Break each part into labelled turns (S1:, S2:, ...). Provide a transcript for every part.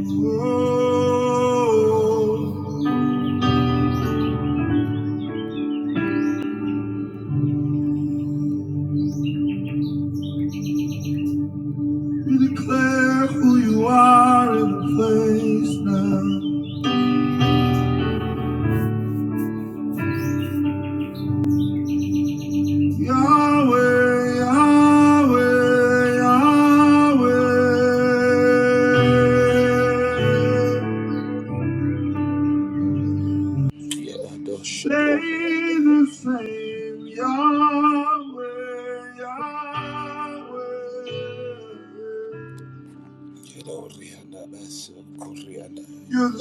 S1: Oh, you declare who you are in the place now. Yahweh, Yahweh, Yahweh. Stay the same, Yahweh, Yahweh. You're the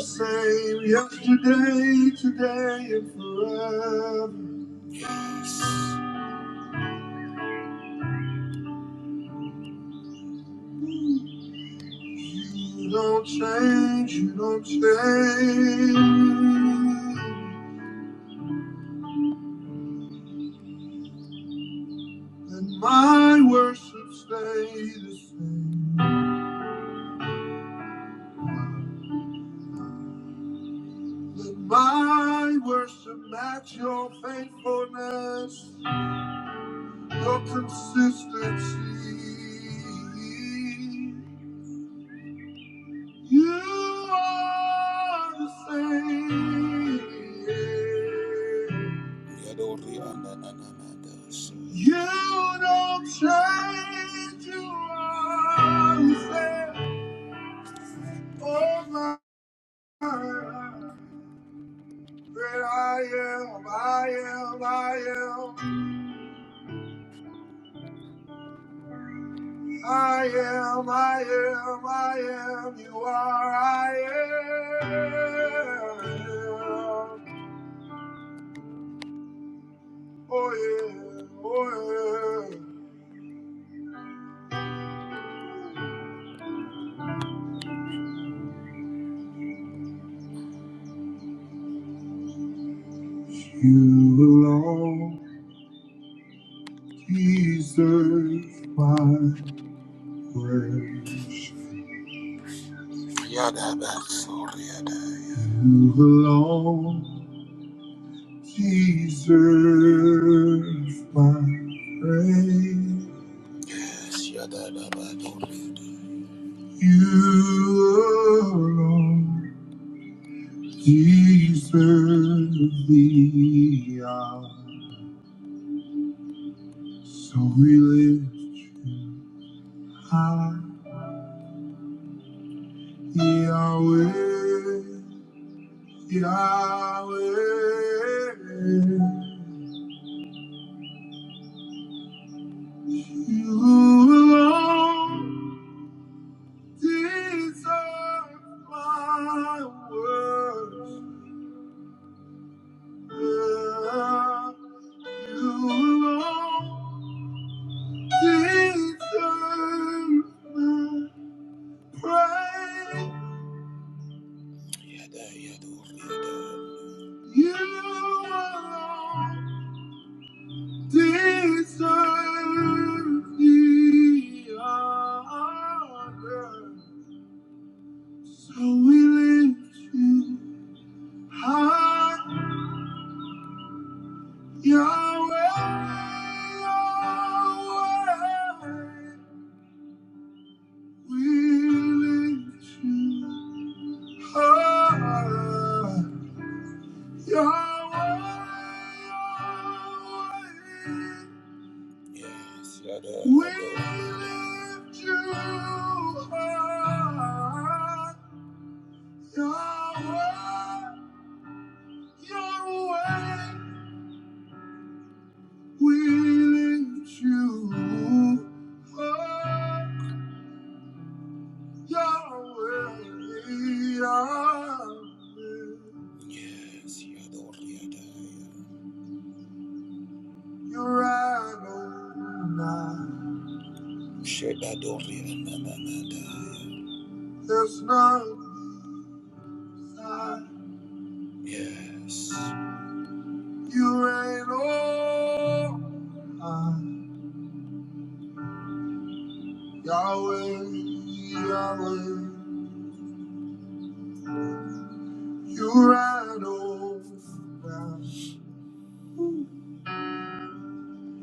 S1: same yesterday, today, and forever. Yes. You don't change, you don't change. Let my worship stay the same. Let my worship match your faithfulness, your consistency. You are the same. You don't change. You are the same. Oh my, God. I am. I am. I am. I am. I am. I am. You are. I am. Oh yeah. Oh yeah. You alone deserve my praise. Yadabasoria. You alone deserve my praise. Yes, You alone deserve the honor. So we lift you high. Yahweh, Yahweh, you alone deserve my worship. You alone deserve my praise. You alone deserve the honor. So we lift you high, Yahweh. Yahweh. We lift you high, Yahweh. Yahweh. Yes, yada, We lift you high, Yahweh, Yahweh. We lift you high, Yahweh, Yahweh. Yes, yado, riada. You're Adonai. Sheba, do, riada, manada. There's none beside Yes. You reign on high, Yahweh, Yahweh. You reign over.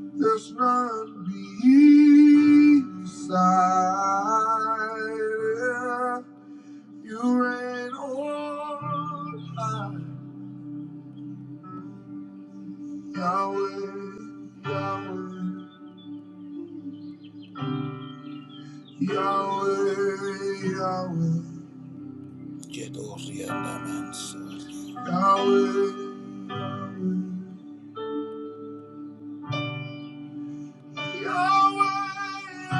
S1: There's none beside. You reign on high, Yahweh, Yahweh, Yahweh, Yahweh. Jedosiah Yahweh, Yahweh, Yahweh,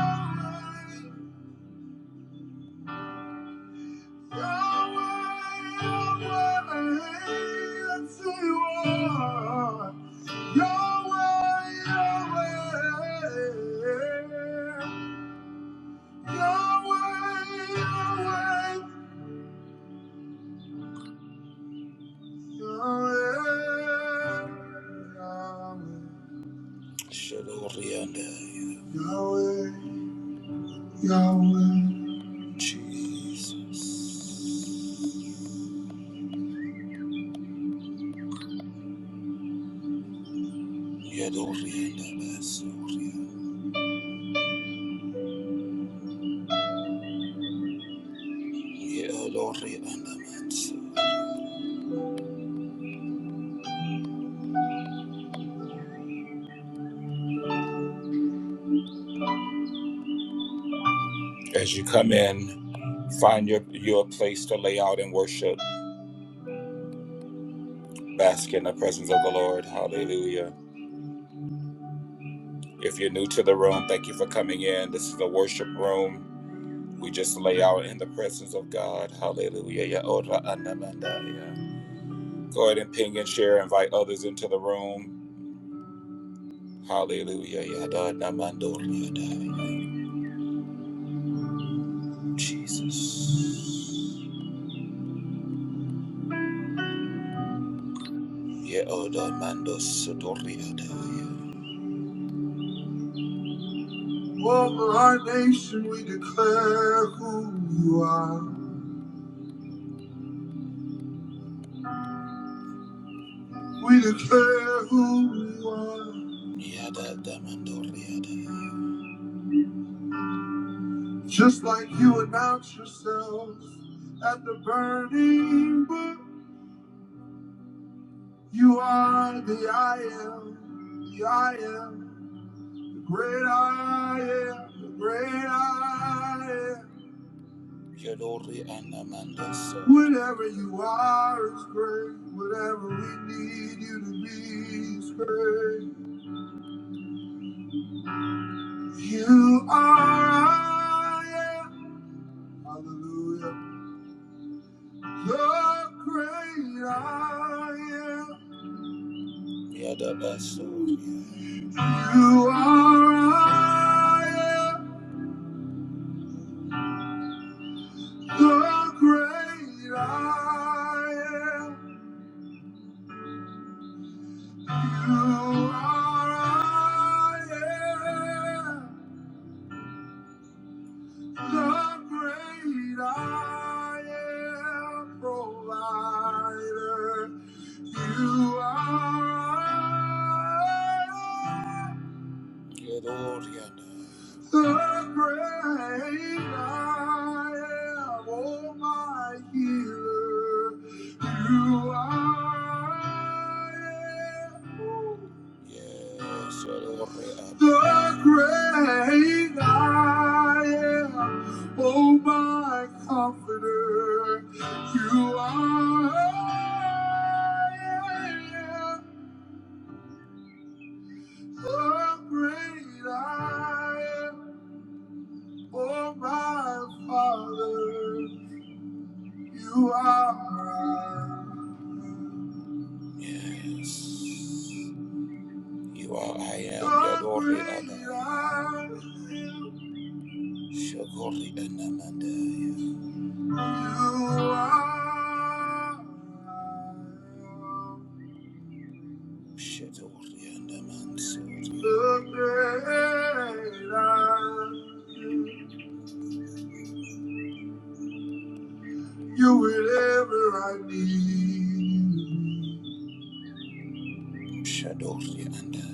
S1: Yahweh, let's say you are. Yahweh, Yahweh, Yahweh, Yahweh, Yahweh. Yahweh, Shalom, Rihanna. Yahweh, Yahweh. Jesus. As you come in, find your, your place to lay out and worship. Bask in the presence of the Lord. Hallelujah. If you're new to the room, thank you for coming in. This is the worship room. We just lay out in the presence of God. Hallelujah. Yadori Andabandaya. Go ahead and ping and share. Invite others into the room. Hallelujah. Yadori Andabandori. Jesus. Ye oda mandos sodoria Over our nation, we declare who you are. We declare who you are. Yada damandoria Just like you announce yourself at the burning bush, you are the I am, the I am, the great I am, the great I am. Whatever you are is great. Whatever we need you to be is great. You are, I am. Hallelujah. The great I am. Yadabasoria. You are, I am. The great I am. You are, I am. The great I am provider. You are. Gloria. The great I am, oh my healer, you I am. oh. Yes, The great I am, oh my comforter, you are the great I am. Oh, my Father, you are. I am. Yes. You are I am Yagori Adai. Shagori Anamandaya. You are. Shagori Anamansori. The great I am. You whatever I need. Shadows and I.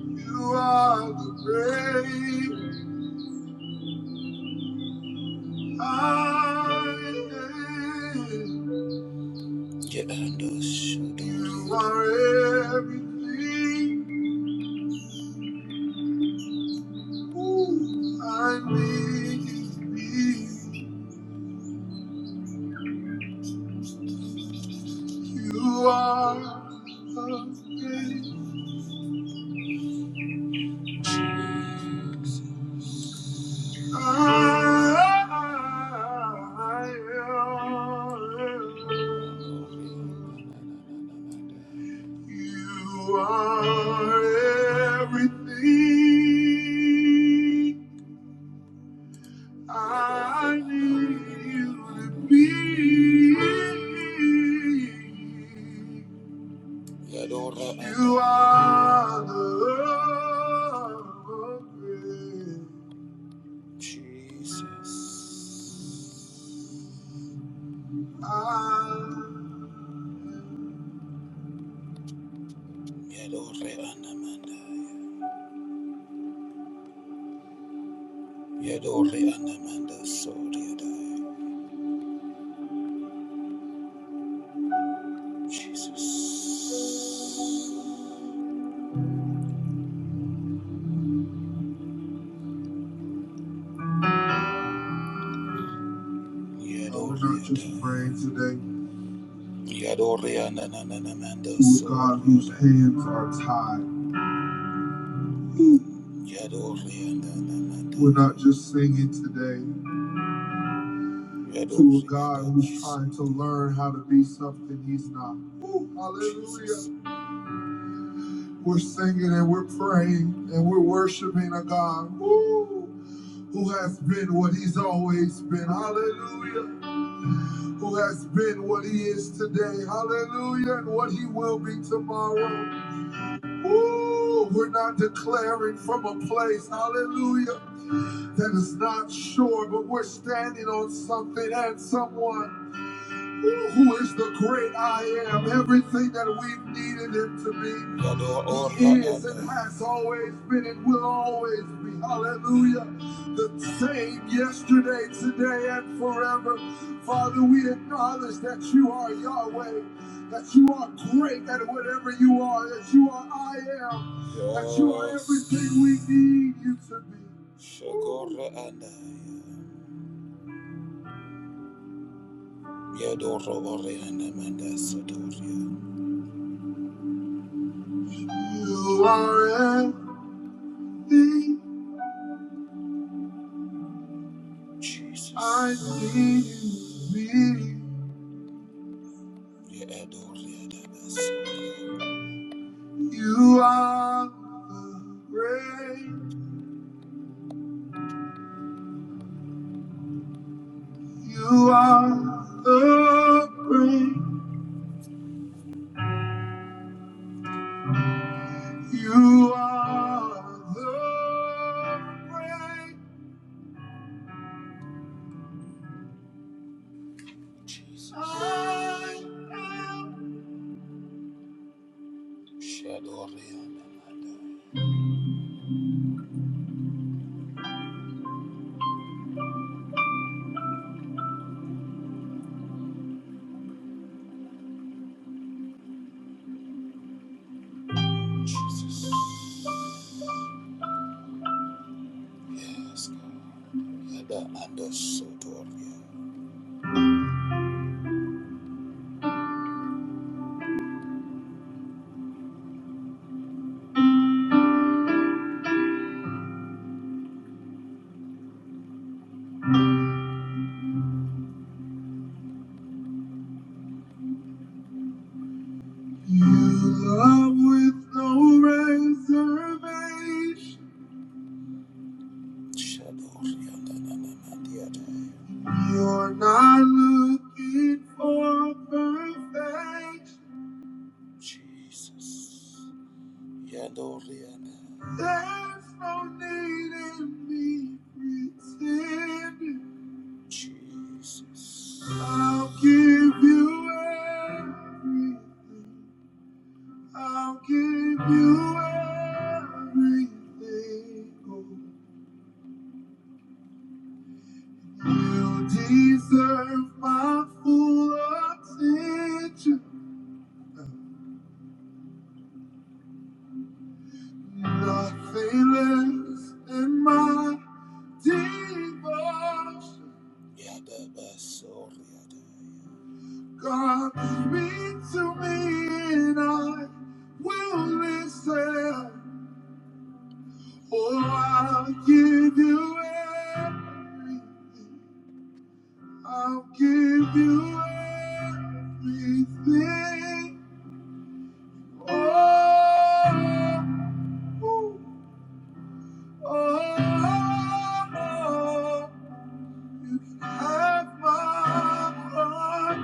S1: You are the great I am. Yeah, You are everything ooh, I need. You are the great. You are everything I need you to be. You are the love of me. Jesus. Yadore Anamanda. Yadore Anamanda Sodiada. Jesus. Yadore We're not just praying today. Yadore Ananamanda Who God whose hands are tied. Yadore Ananamanda. We're not just singing today to a God who's trying to learn how to be something he's not. Hallelujah. We're singing and we're praying and we're worshiping a God woo, who has been what he's always been. Hallelujah. Who has been what he is today. Hallelujah. And what he will be tomorrow. Woo, we're not declaring from a place, hallelujah, that is not sure, but we're standing on something and someone who is the great I am, everything that we've needed him to be. He is and has always been and will always be. Hallelujah. The same yesterday, today, and forever. Father, we acknowledge that you are Yahweh, that you are great at whatever you are, that you are I am, yes, that you are Yes. everything we need you to be. Shakora anaya. Yadoro ore anamanda sodoria. You are everything Jesus. I need you You are the great. You are the great. You are the great. Jesus. I am. Jesus. Yes, God. You love with no reservation. You're not looking for perfection. Jesus. Yadoria. na. There's no need in me pretending. Jesus. I'll give you everything. I'll give you everything. Oh, you deserve my full attention. Nothing less than my devotion. Yada basoria. God speak to me and I will listen. Oh, I'll give you everything. I'll give you everything. Oh, oh, oh, oh. you can have my heart.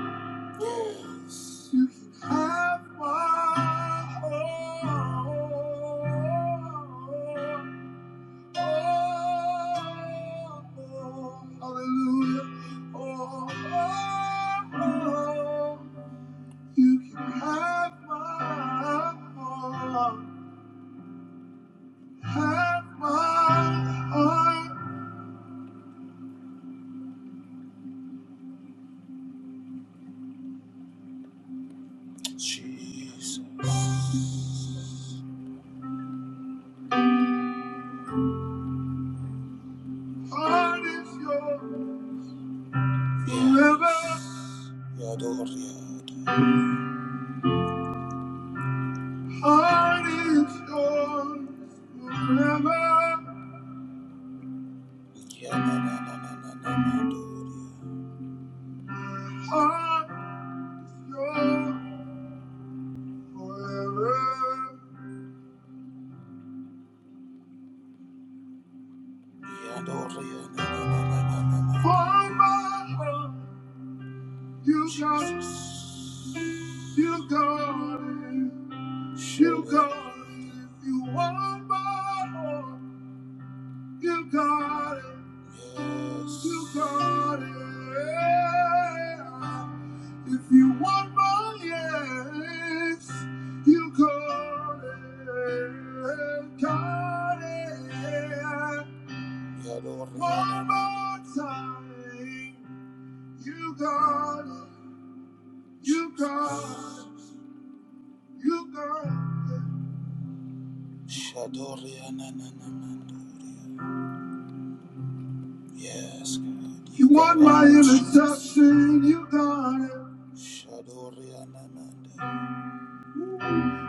S1: You have my all. Oh, hallelujah. Oh, oh, oh. You can have my all. Have my heart. Jesus. Heart is yours. Yes. You adore, you Heart is yours forever. Yeah, na, na, na, na, na, na, na, adore, yeah. Heart is yours forever. You adore, yeah, na, na, na, na, For my heart, you got it. You got it. You got it. You want my heart. You got it. Yes. You got it. If you want my yes, you got it. Got it. Yeah, One more time. You got it. You got it. You got it. Yes, God. You want my intercession? you got it. You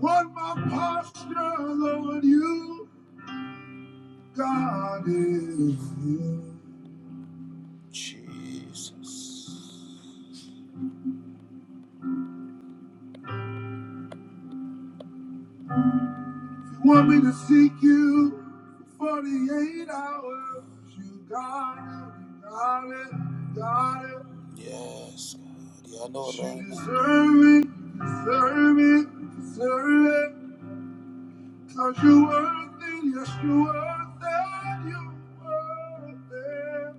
S1: want my posture, Lord, you got it. Jesus. Want me to seek you for 48 hours. You got it, got it, got it. Yes, God. You know right. You deserve it, deserve it, deserve it. Cause you're worth it, yes, you're worth it, you're worth it.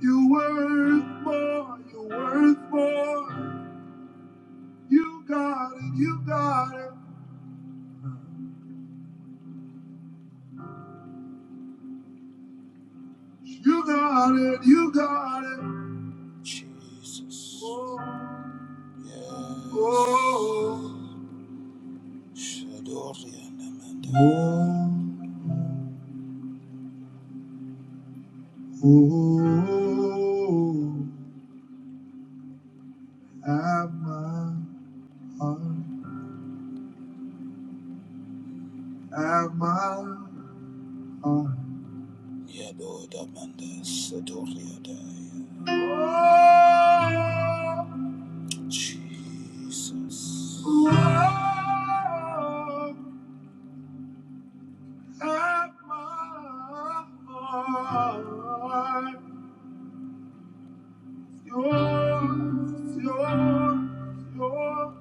S1: You are worth more, you are worth more. You got it, you got it, you got it, you got it. Jesus. Yes. Oh. Shadorianamanda. Oh, oh, oh, have my heart, have my heart. Yadoramanda Sadoriadaya. Oh. Jesus. Oh. At my heart, yours, yours, yours,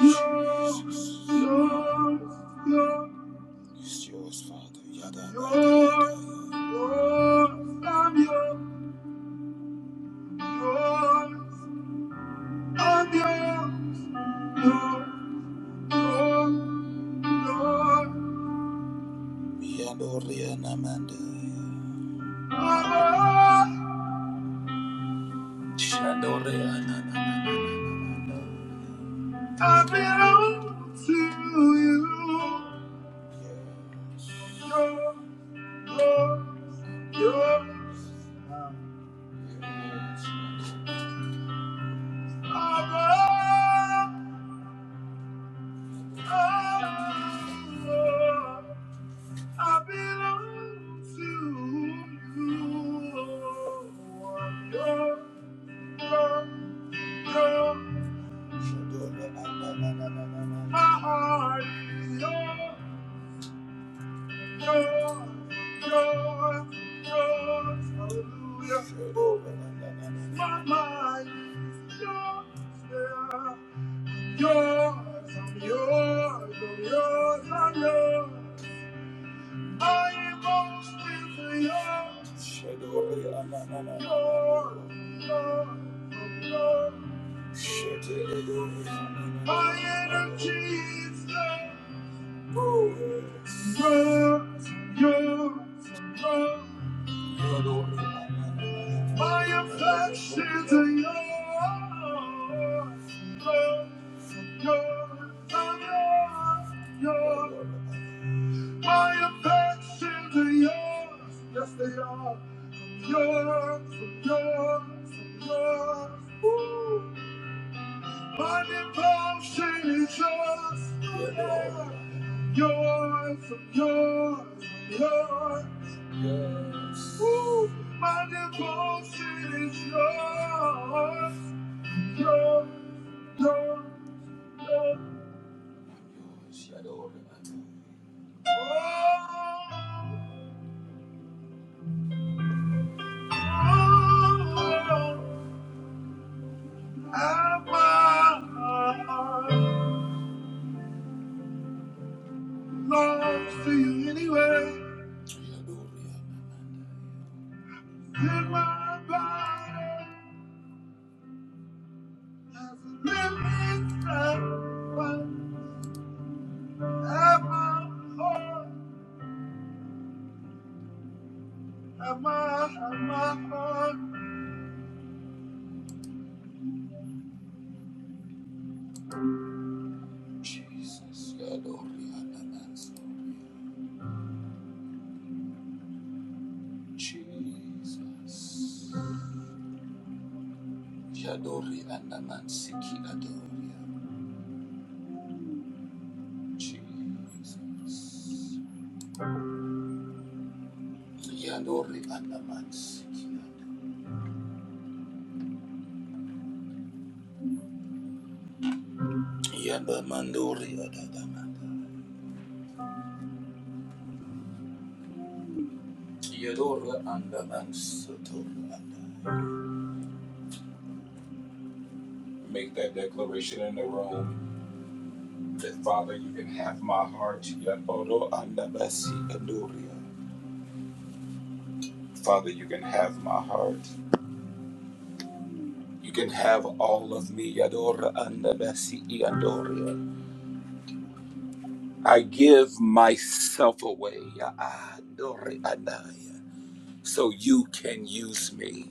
S1: yours, yours, yours. It's yours, Father. Yada, Yours, yours, I'm yours. Yours, I'm yours. Yours, yours, yours. Yadoriana Mandaya. I belong to you. You're yours, yours. I belong, oh, I belong to you. You're, yours. yours. My heart is yours, yours, yours, yours. Hallelujah. My mind is yours, yeah. yours. I'm yours, I'm yours, I'm yours. I am lost in the arms. Shadori ananana. Lord, Lord, Lord. Shadori My energy is gone. My affections are yours, yours, yours, yours, yours. My affections are yours, yes they are. Yours, yours, yours. Ooh. Money from strangers, yours, from yours, from yours. Yes. Woo! My devotion is yours, yours, yours, yours. Your shadow over me. Oh, oh, oh, oh, oh, oh. Long for you anyway. In my body as a living sacrifice. Have my heart, have my, have my heart. Jesus, Yadoriananas, Jesus, Yadorianamansiki Adoria, Jesus, Yadorianamansiki Make that declaration in the room that Father, you can have my heart. Father, you can have my heart. You can have all of me. I give myself away. So you can use me.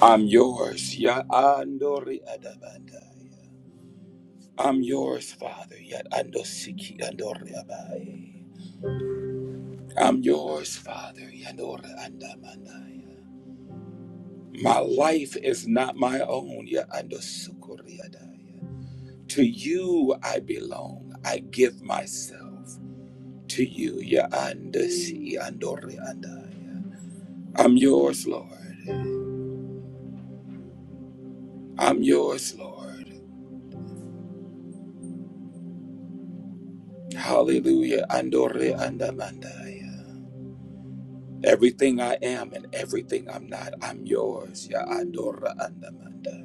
S1: I'm yours. I'm yours, Father. Yet andosiki andoreabai. I'm yours, Father. Yandore andamandaya. My life is not my own. Yet andosukuriadaya. To you I belong. I give myself to you. Yet andasi andoreandaya. I'm yours, Lord. I'm yours, Lord. Hallelujah. Andore andamandaya. Everything I am and everything I'm not, I'm yours. Ya adora andamanda.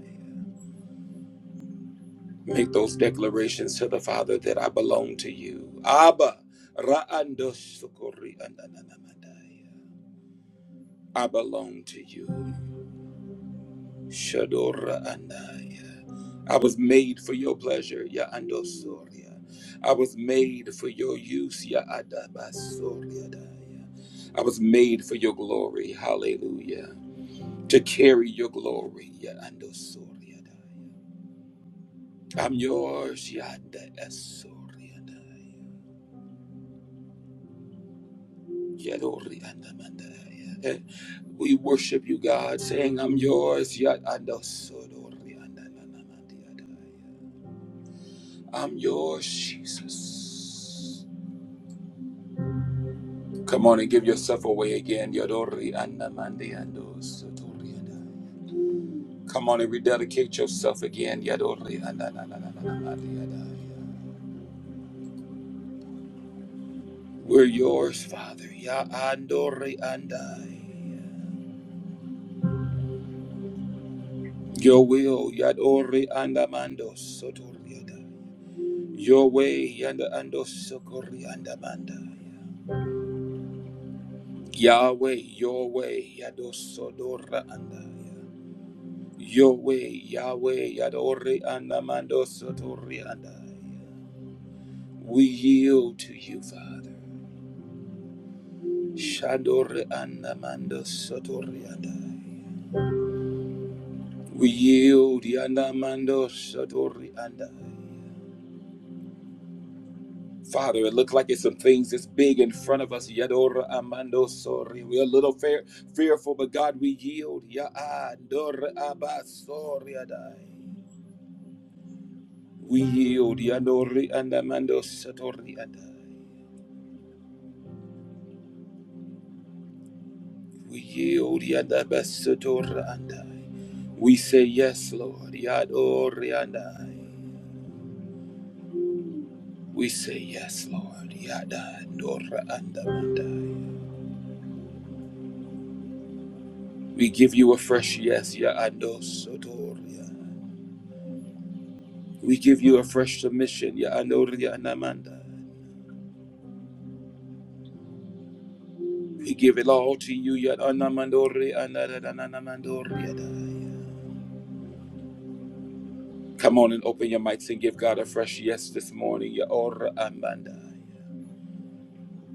S1: Make those declarations to the Father that I belong to you. Abba, ra'andos sukuri andanamandaya. I belong to you. Shadora andaya. I was made for your pleasure, ya andosoria. I was made for your use, ya adabasoria daya. I was made for your glory. Hallelujah. to carry your glory. Yandosoriadai. I'm yours. Yanda esoriadai. Yadoriandamandai. Eh, We worship you, God, saying, I'm yours. Yadandosoriandanamandai. I'm yours, Jesus. Come on and give yourself away again. Yadoriandamandiandosotoriadai. Come on and rededicate yourself again. Yadoriandanamandai. We're yours, Father. Ya andore andai. Your will, Yadore andamando sotoriada. Your way, Yanda ando sokori andamanda. Yahweh, your way, Yadosodora andai. Your way, Yahweh, Yadore andamando sotori andai. We yield to you, Father. Shandore andamando sotori andai. We yield, Yandamando sotori andai. Father, it looks like it's some things that's big in front of us. Yadora amando sorry. We're a little fear, fearful, but God, we yield. Yaadora aba We yield. Yadori andamando satori adai. We yield. Yadaba andai. We say yes, Lord. Yadori andai. We say yes, Lord. Yadadora andamandai. We give you a fresh yes. Yaado sotori. We give you a fresh submission, Ya Andori Anamanda. We give it all to you, Ya Anamandori Anadadanamandoria Come on and open your mics and give God a fresh yes this morning, Ya Ora Amanda.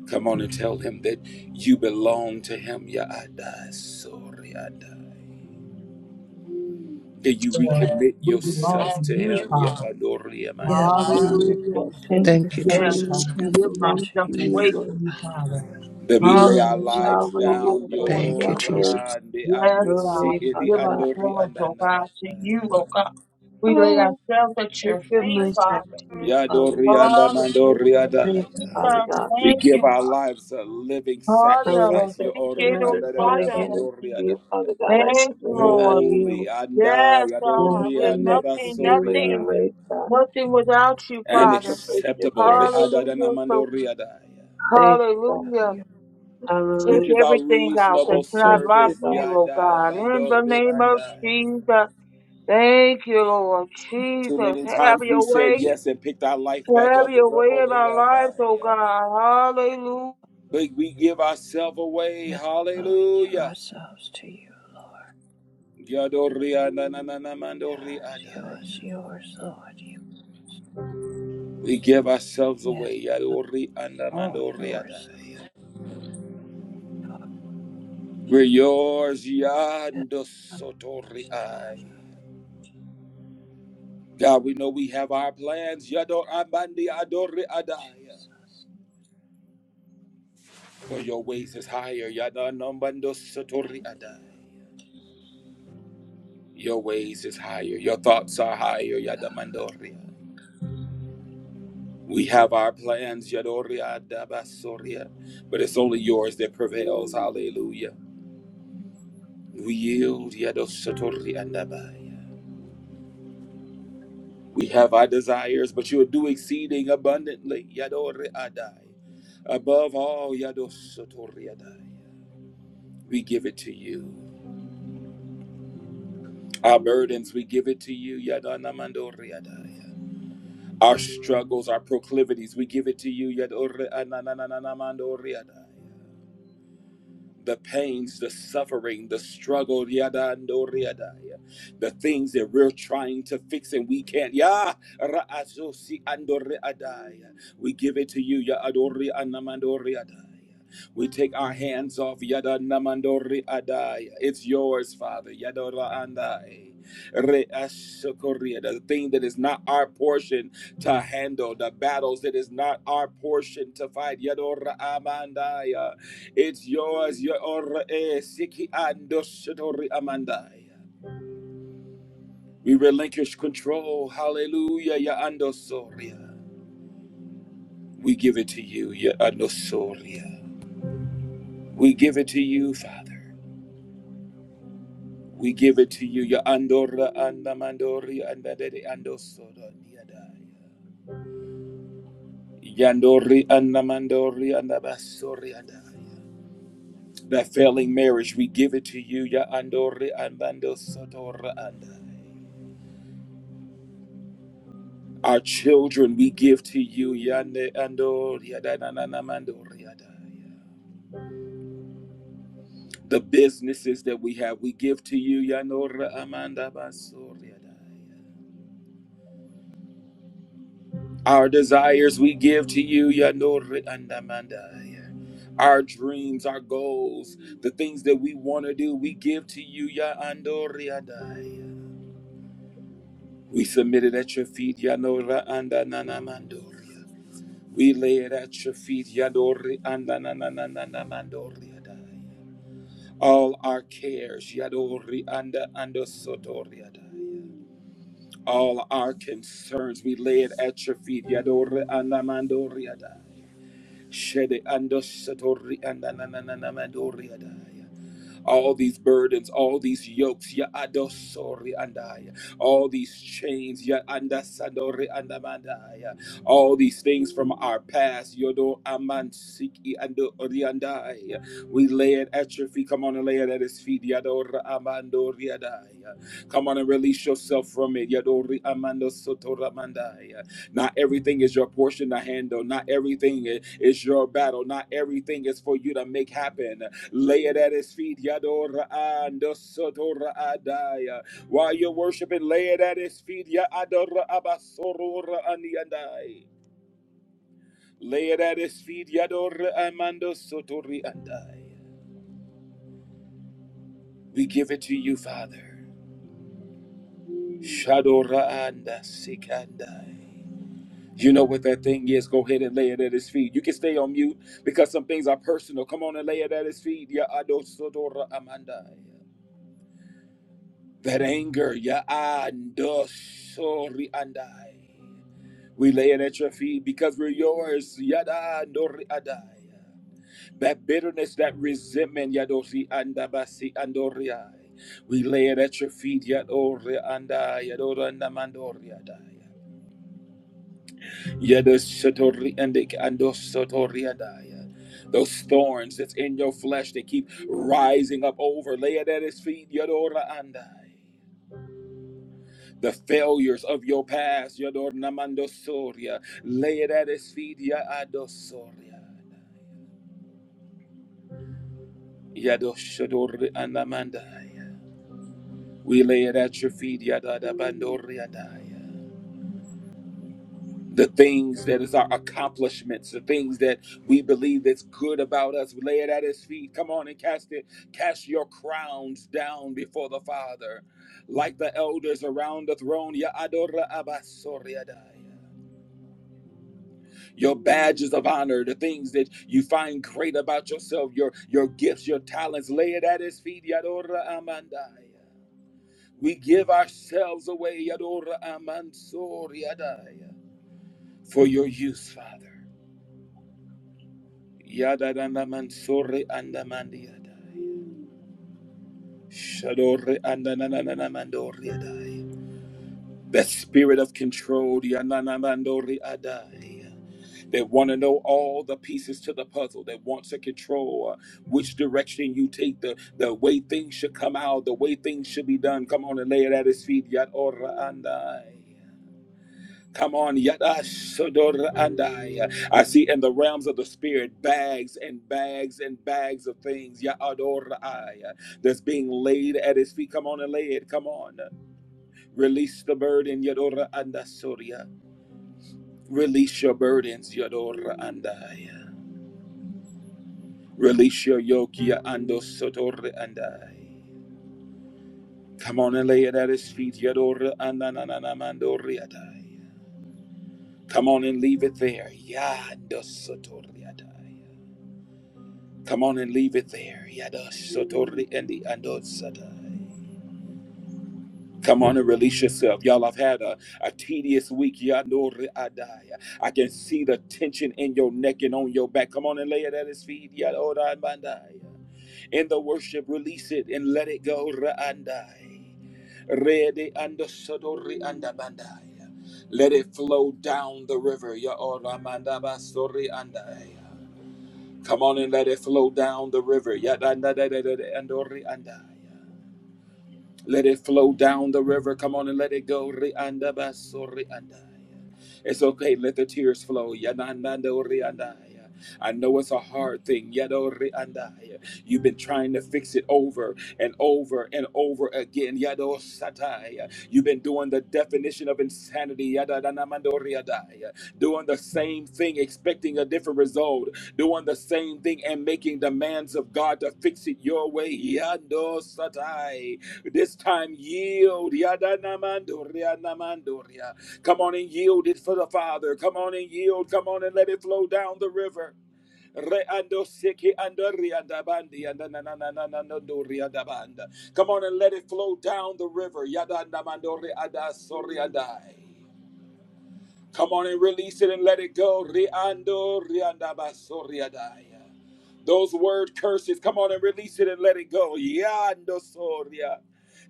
S1: Come on and tell him that you belong to him, Ya Adai Sori Adai. That you
S2: Lord.
S1: recommit
S2: We belong
S1: yourself
S2: to
S1: to
S2: you,
S1: him, Ya
S2: Father.
S1: Adori Amanda.
S3: Yes, God,
S4: We
S2: Hallelujah.
S4: worship
S3: thank
S4: you.
S3: you,
S5: Thank you,
S3: Father.
S2: Yes, I
S4: We
S5: Jesus.
S3: Yes,
S2: give
S3: Lord
S4: belong
S2: myself
S4: to
S3: Jesus.
S4: you,
S2: away to
S4: Lord.
S2: you, Father.
S1: That we
S3: I'm
S1: lay
S4: You,
S1: our
S3: yours,
S2: Hallelujah,
S1: lives
S4: Yahweh,
S3: Lord.
S4: your
S1: down,
S2: Father,
S1: Ya
S4: way,
S2: Lord
S3: I'm
S5: Thank you,
S3: yours,
S1: Ora
S2: Jesus.
S5: Jesus.
S4: Yahweh,
S1: Ande
S2: Yes,
S4: Your
S2: God,
S4: Yahweh,
S2: we
S1: Andori
S4: Father
S2: give
S4: God.
S1: Andori
S2: ourselves, oh God, to you,
S1: Andanamandaya.
S3: Lord.
S2: oh God. We lay
S4: Oh,
S2: ourselves at
S4: I
S2: your
S4: give
S2: feet,
S4: myself
S2: Father.
S4: to you, Father.
S1: Yadorianda
S2: Hallelujah,
S4: Please,
S1: mandoriada.
S4: Father
S2: Jesus.
S4: God.
S1: We
S2: Thank
S1: give
S2: you,
S1: our lives a living
S2: Father.
S4: I lift
S2: Hallelujah.
S1: sacrifice.
S4: up
S1: Yori
S4: surrendered
S1: anda da da da
S4: holy hands to
S1: bandoriada.
S4: you, Father God. I
S2: Thank you,
S4: surrender to
S2: Lord.
S4: you.
S1: Holy anda
S2: Yes,
S4: I
S2: God,
S1: yadori
S2: we're
S1: anda
S4: submit to
S2: nothing,
S4: you and your
S2: nothing,
S1: basoria
S4: ways, God.
S2: nothing without you,
S4: Your
S1: and
S2: Father.
S4: purpose, your
S1: acceptable
S4: plan.
S1: riada da na
S2: Hallelujah. So,
S1: mandoriada.
S4: Thank you, God.
S3: I'm
S2: hallelujah.
S3: your
S2: Take
S1: Which
S4: Hallelujah.
S1: is our
S2: everything out
S4: I
S1: reasonable
S2: that's not
S4: trust
S2: like
S4: you,
S1: service.
S4: God.
S2: you, oh
S1: Yada
S2: God. In the
S1: bandori
S2: name of Jesus. Thank you, Lord.
S1: Too
S2: Jesus,
S1: many
S2: have
S1: times we
S2: your
S3: God.
S1: said
S2: way.
S1: yes and picked our life back
S2: Have
S1: up.
S2: your way in our lives,
S1: Riorianda.
S2: oh God.
S3: Yes,
S2: Hallelujah.
S1: But we give ourselves away.
S3: yes, Lord, we give
S1: Hallelujah.
S3: ourselves to you.
S1: Yadori ananana
S3: Yours, yours,
S1: adai.
S3: yours, Lord. Yours.
S1: We give ourselves
S3: Yes,
S1: away.
S3: God,
S1: Yadori
S3: all
S1: anamandori
S3: yours.
S1: adai. We're yours,
S3: Yes, God,
S1: Yandosotori ai. God, we know we have our plans. Yador abandi adori adai.
S3: Jesus.
S1: For your ways is higher. Yadanamandosotori
S3: Thank
S1: adai. Your ways is higher. Your thoughts are higher. Yadamandoria. We have our plans. Yadoria dabasoria. But it's only yours that prevails. Hallelujah. We yield Yadosatori Andabaya. We have our desires, but you will do exceeding abundantly, Yadore Adai. Above all, Yadosatori Adai. We give it to you. Our burdens, we give it to you, Yadanamandori Adai. Our struggles, our proclivities, we give it to you, Yadore Ananananamandori Adai. the pains, the suffering, the struggle, yada yeah. the things that we're trying to fix and we can't. Yeah, ra azo si yeah. we give it to you. ya adori anamando yeah. We take our hands off. Yada namando riada, yeah. It's yours, Father. Yada ra eh. Re ashokoria, The thing that is not our portion to handle, the battles that is not our portion to fight. Yada ra yeah. It's yours, your Siki Andosori Amandaya. We relinquish control. Hallelujah, Ya Andosoria. We give it to you, Ya Andosoria. We give it to you, Father. We give it to you, Ya Andora Andamandori Andadede Andosora Diadaya. Yandori Andamandori Andabasori Andaya. That failing marriage, we give it to you, Ya Andori Andandosotora Andaya. Our children we give to you. Yande ando riada na na na mando riada. The businesses that we have, we give to you. Yanora amanda baso riada. Our desires we give to you. Yanora andamanda. Our dreams, our goals, the things that we want to do, we give to you. Ya ando riada. We submit it at your feet. Yanora anda na na mando. yeah. We lay it at your feet, Yadori anda na na na na na mandori adai. All our cares, Yadori anda ando sotori adai. All our concerns, we lay it at your feet, Yadori anda mandori adai. Shede ando sotori anda na na na na mandori adai all these burdens, all these yokes, ya adosori andaya, all these chains, ya andasadori andamandaya, all these things from our past, yodo amansiki ando oriandaya. We lay it at your feet. Come on and lay it at his feet. Yadora amando riadaya. Come on and release yourself from it. Yadori amando sotora mandaya. Not everything is your portion to handle. Not everything i- is your battle. Not everything is for you to make happen. Lay it at his feet. Yadora ando sotora adaya. While you're worshiping, lay it at his feet. Yadora abasorora aniandai. Lay it at his feet. Yadora amando sotori andai. We give it to you, Father. Shadora anda sikandai. You know what that thing is. Go ahead and lay it at his feet. You can stay on mute because some things are personal. Come on and lay it at his feet. Yadora sotora amandai. That anger, ya andosori andai. We lay it at your feet because we're yours. Yada andori adai. That bitterness, that resentment, yadosi andabasi andoriai. We lay it at your feet, yadori andai, yadora andamandori adai. Yadosotori andik andosotori adai. Those thorns that's in your flesh that keep rising up over, lay it at his feet, yadora andai. the failures of your past. Yadornamandosoria. Lay it at his feet. Yaadosoria. Yadoshodori anamandaya. We lay it at your feet. Yadadabandoriadaya. The things that is our accomplishments, the things that we believe that's good about us, we lay it at his feet. Come on and cast it. Cast your crowns down before the Father. Like the elders around the throne. Yadora abasoriadaya. your badges of honor, the things that you find great about yourself, your your gifts, your talents, lay it at his feet. Yadora Amandaya. We give ourselves away, Yadora Amansoriadaya, for your use, Father. Yadadana Mansori Andamandiadaya. Shadore Andanananamandoriadaya. The spirit of control, Yananamandori Adaya. They want to know all the pieces to the puzzle. They want to control uh, which direction you take, the, the way things should come out, the way things should be done. Come on and lay it at his feet. Yat ora andai. Come on, yadash sodora andai. I see in the realms of the spirit bags and bags and bags of things yadora ai, uh, that's being laid at his feet. Come on and lay it. Come on, release the burden yadora andasoria. Release your burdens yadora andai. Release your yoke, ya ando sotore andai. Come on and lay it at his feet, yadore anananamandore adai. Come on and leave it there, yado sotori adai. Come on and leave it there, yado sotore endi ando sadai. Come on and release yourself. Y'all, I've had a, a tedious week. Yadore adai. I can see the tension in your neck and on your back. Come on and lay it at his feet. Yadore mandai. In the worship, release it and let it go. Raandai. Rede ando sodori anda bandaya. Let it flow down the river. Ya ora manda basori andaya. Come on and let it flow down the river. Ya da da da da da da andori andaya. Let it flow down the river. Come on and let it go. Rianda baso rianda. It's okay. Let the tears flow. Yananando rianda. I know it's a hard thing. Yado rianda. You've been trying to fix it over and over and over again. Yado sataya. You've been doing the definition of insanity. Yada danamando rianda doing the same thing, expecting a different result, doing the same thing and making demands of God to fix it your way. Yando satai. This time yield. Yada namando ria namando ria. Come on and yield it for the Father. Come on and yield. Come on and let it flow down the river. Re ando seki ando ria da bandi anda na na na na na na do ria da banda. Come on and let it flow down the river. Yada namando ria da soria dai. Come on and release it and let it go. Riando, riandabaso, riadaya. Those word curses, come on and release it and let it go. Yando, so, ria.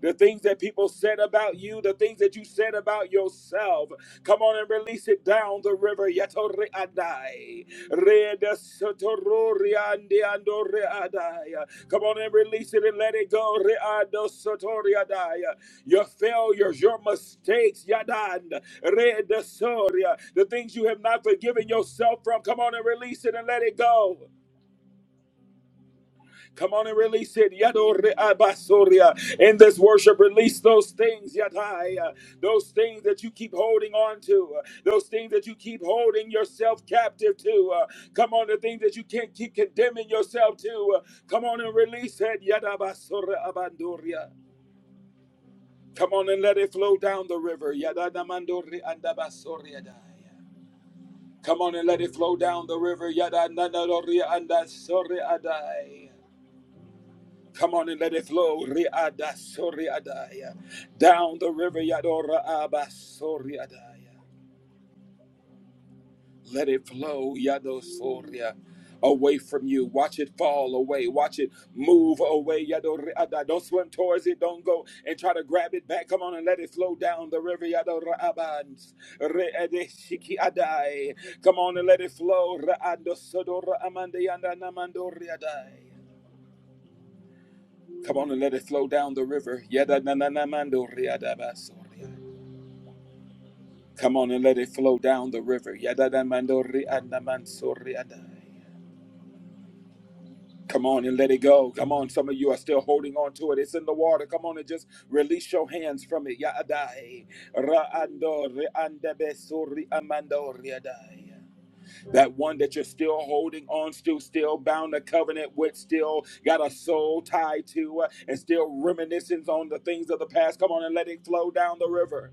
S1: The things that people said about you, the things that you said about yourself, come on and release it down the river. Yato, riadai. Reda, soto, ro, riandi, ando, riadaya. Come on and release it and let it go. Riando, soto, riadaya your failures, your mistakes, yadan, redesoria, the things you have not forgiven yourself from. Come on and release it and let it go. Come on and release it. Yadore abasoria. In this worship, release those things, yadai, those things that you keep holding on to, those things that you keep holding yourself captive to. Uh, Come on, the things that you can't keep condemning yourself to. Uh, Come on and release it. Yadabasora abandoria. Come on and let it flow down the river. Yada namandori Come on and let it flow down the river. Yada nanadori Come on and let it flow. Riada Down the river. Yadora abasori Let it flow, Yadosoria, away from you. Watch it fall away. Watch it move away. Yadoreada. Don't swim towards it. Don't go and try to grab it back. Come on and let it flow down the river. Yadoreabans. Reedeshikiadai. Come on and let it flow. Reandosodoraamandeyandanamandoriadai. Come on and let it flow down the river. Yadananamandoriadabasoria. Come on and let it flow down the river. Yadanamandoriadamansoriadai. Come on and let it go. Come on, some of you are still holding on to it. It's in the water. Come on and just release your hands from it. Yaadai. Raando reandabesu riamando riadai. That one that you're still holding on to, still bound to covenant with, still got a soul tied to, uh, and still reminiscing on the things of the past. Come on and let it flow down the river.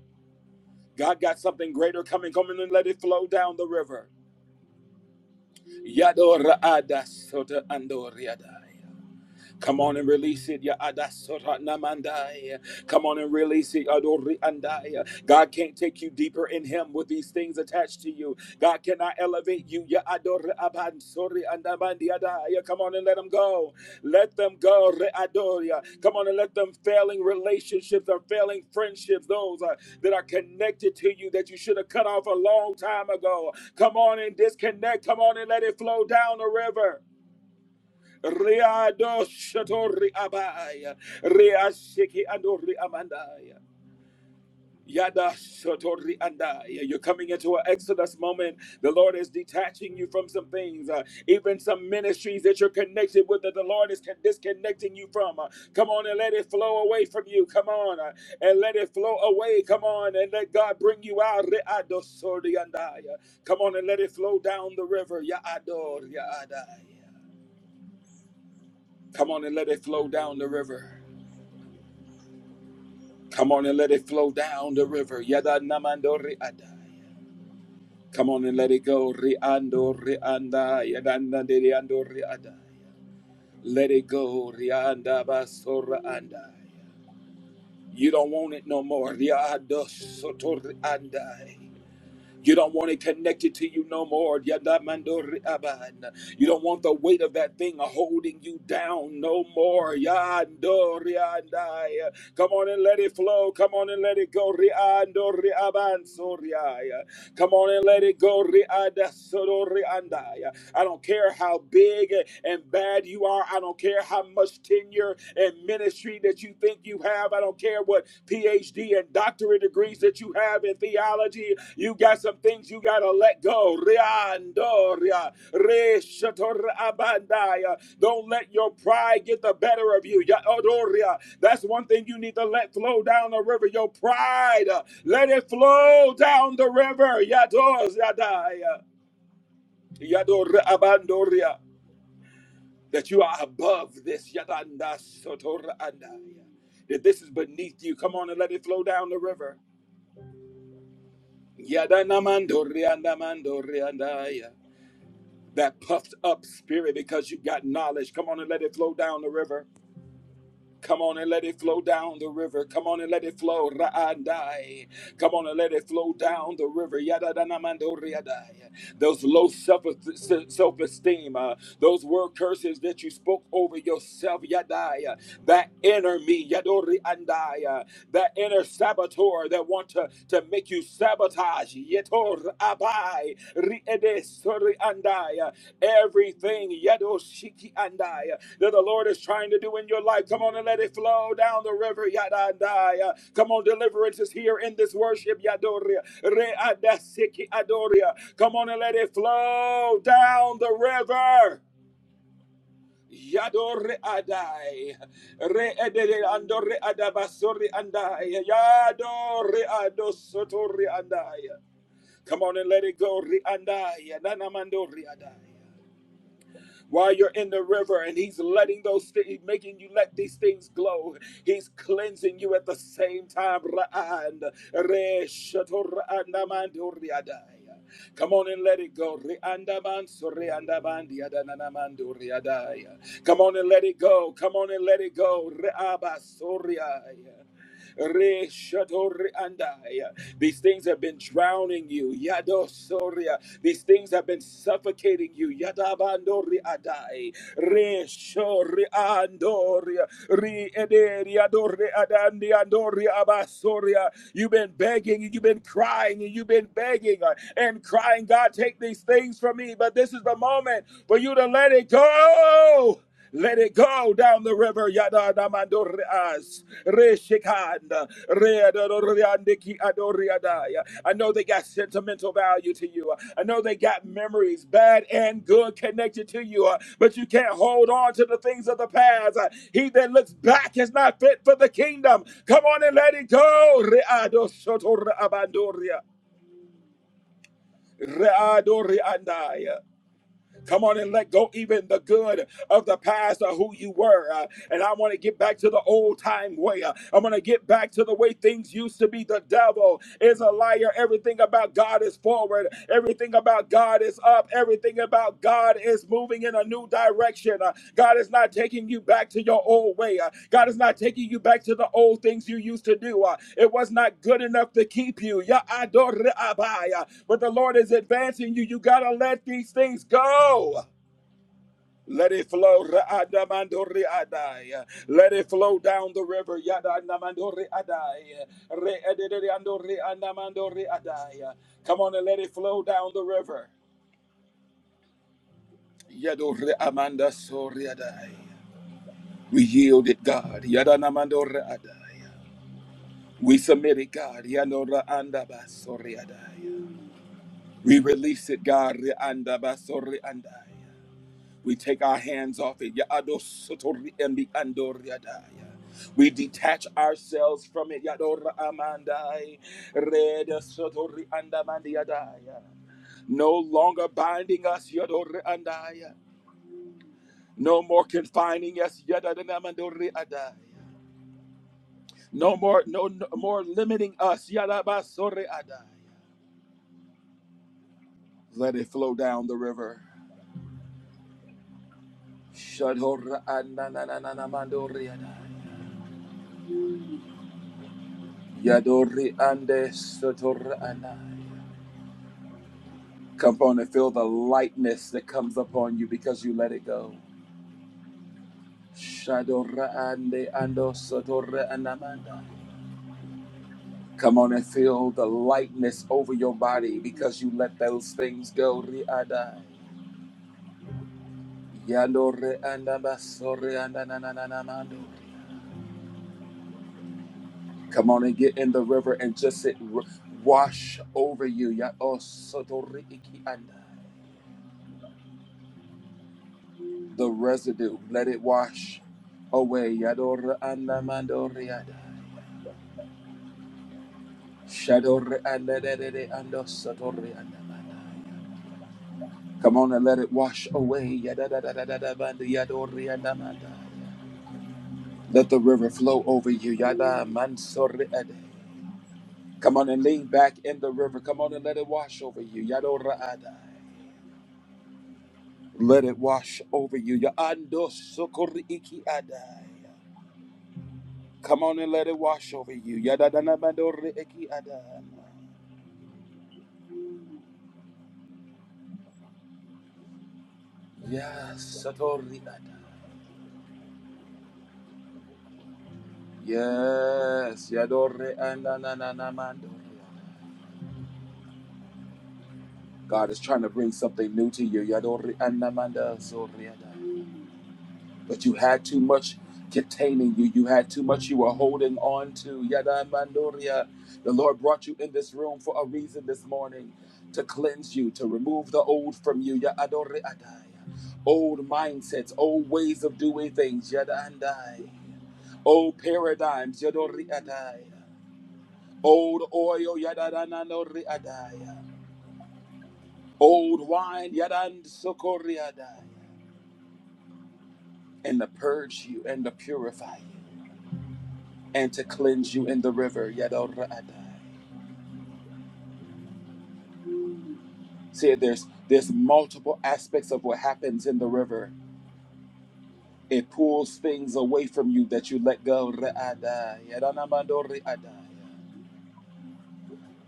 S1: God got something greater coming. Come on and let it flow down the river. Yadora ada sota andoriadai. Come on and release it. Ya adasora namandai. Come on and release it. Adori andai. God can't take you deeper in Him with these things attached to you. God cannot elevate you. Ya adori abansori andamandi adai. Come on and let them go. Let them go. Re adoria. Come on and let them failing relationships or failing friendships, those uh, that are connected to you that you should have cut off a long time ago. Come on and disconnect. Come on and let it flow down the river. Riado Shatori Abaya. Ria adori Andori Amandaya. Yada Shatori Andaya. You're coming into an Exodus moment. The Lord is detaching you from some things, uh, even some ministries that you're connected with that the Lord is con- disconnecting you from. Uh, come on and let it flow away from you. Come on uh, and let it flow away. Come on and let God bring you out. Riado Shatori Andaya. Come on and let it flow down the river. Yaador Yaadaya. Come on and let it flow down the river. Come on and let it flow down the river. Yada namando riada. Come on and let it go. Riando rianda. Yada nandiriando riada. Let it go. Rianda basora anda. You don't want it no more. Riado soto rianda. You don't want it connected to you no more. Yadamandori aban. You don't want the weight of that thing holding you down no more. Yandori andai. Come on and let it flow. Come on and let it go. Riandori aban soriai. Come on and let it go. Riada sodori andai. I don't care how big and bad you are. I don't care how much tenure and ministry that you think you have. I don't care what PhD and doctorate degrees that you have in theology. You got some things you gotta let go. Riandoria, reshator abandaya. Don't let your pride get the better of you. Yaodoria. That's one thing you need to let flow down the river. Your pride, uh, let it flow down the river. Yados yadaya, yador abandoria. That you are above this. Yadanda sotor andaya. That this is beneath you. Come on and let it flow down the river. Yadana mandoria, andamandoria andaya. that puffed up spirit because you got knowledge. Come on and let it flow down the river. Come on and let it flow down the river. Come on and let it flow. Ra'andai. Come on and let it flow down the river. Yada da na mando riadai. Those low self self esteem, uh, those word curses that you spoke over yourself. Yadai. Uh, That enemy. Yadori andai. uh, That inner saboteur that want to, to make you sabotage. Yetor abai. Riede Everything Yadoshiki and that the Lord is trying to do in your life. Come on and let it flow down the river. Yadandaya. Come on, deliverance is here in this worship. Yadoria. Readasiki Adoria. Come on and let it flow down the river. Yadore adai, re edere andore adabasori andai, yadore adosotori andai. Come on and let it go, re andai, nanamando adai while you're in the river and he's letting those things making you let these things glow he's cleansing you at the same time Ra'an, re shato ra'andaman riadaya. come on and let it go Ri'andaman so ri'andaman diadananaman riadaya. come on and let it go come on and let it go Re'aba so riaya. Re shatori andaya. These things have been drowning you. Yadosoria. These things have been suffocating you. Yadabandori adai. Re shori andoria. Re ederi adori adandi andori abasoria. You've been begging, you've been crying, and you've been begging uh, and crying, God, take these things from me. But this is the moment for you to let it go. Let it go down the river. Yada damandorias. Reshikanda. Readoriandiki adoriadaya. I know they got sentimental value to you. I know they got memories, bad and good, connected to you. But you can't hold on to the things of the past. He that looks back is not fit for the kingdom. Come on and let it go. Reado soto reabandoria. Reado Reandaya. Come on and let go even the good of the past of who you were. Uh, and I want to get back to the old time way. Uh, I'm going to get back to the way things used to be. The devil is a liar. Everything about God is forward. Everything about God is up. Everything about God is moving in a new direction. Uh, God is not taking you back to your old way. Uh, God is not taking you back to the old things you used to do. Uh, it was not good enough to keep you. Ya adore abai. Uh, But the Lord is advancing you. You got to let these things go. Let it flow. Ra'ada mandori adai. Uh, Let it flow down the river. Yada namandori adai. Uh, Re'ededede anamandori adai. Uh, Come on and let it flow down the river. Yadore amanda sori adai. We yield it, God. Yadanamandora adaya. We submit it, God. Yandora andabasori adaya. We release it, God. Reandabasori andaya. We take our hands off it. Yaadosotori embi andori adaya. We detach ourselves from it. Yadora amandai. Redasotori andamandi adaya. No longer binding us. Yadora andaya. No more confining us. Yadadanamandori adaya. No more, no, no more limiting us. Yadabasore Let it flow down the river. Shadora ananananamandori Yadori ande sotora anai. Come on and feel the lightness that comes upon you because you let it go. Shadora ande ando sotora anamanda. Come on and feel the lightness over your body because you let those things go. Riadai. Yadore andabasore ananananamandori. Come on and get in the river and just sit, wash over you. Ya- oh, sotori iki anda. The residue, let it wash away. Yador anda mandori anda. Shador anda de de de ando sotori anda manda. Come on and let it wash away. Yada da da da da da bandi yadori anda manda. Let the river flow over you. Yada mansori ade. Come on and lean back in the river. Come on and let it wash over you. Yador anda. Let it wash over you. Ya ando sokori iki adai. Come on and let it wash over you. Ya da da na mandori iki adai. Yes, satori adai. Yes, yadori ananana mandori. God is trying to bring something new to you. Yadori anamanda sori adai. but you had too much containing you. You had too much you were holding on to. Yada mandoria. The Lord brought you in this room for a reason this morning to cleanse you, to remove the old from you. Yadore adai. Old mindsets, old ways of doing things. Yada andai. Old paradigms. Yadore adai. Old oil. Yada nanore adai. Old wine. Yada sokori adai. And to purge you and to purify you. and to cleanse you in the river. Yadora'adai. See, there's there's multiple aspects of what happens in the river. It pulls things away from you that you let go. Ra'adai. Yadanamandora'adai.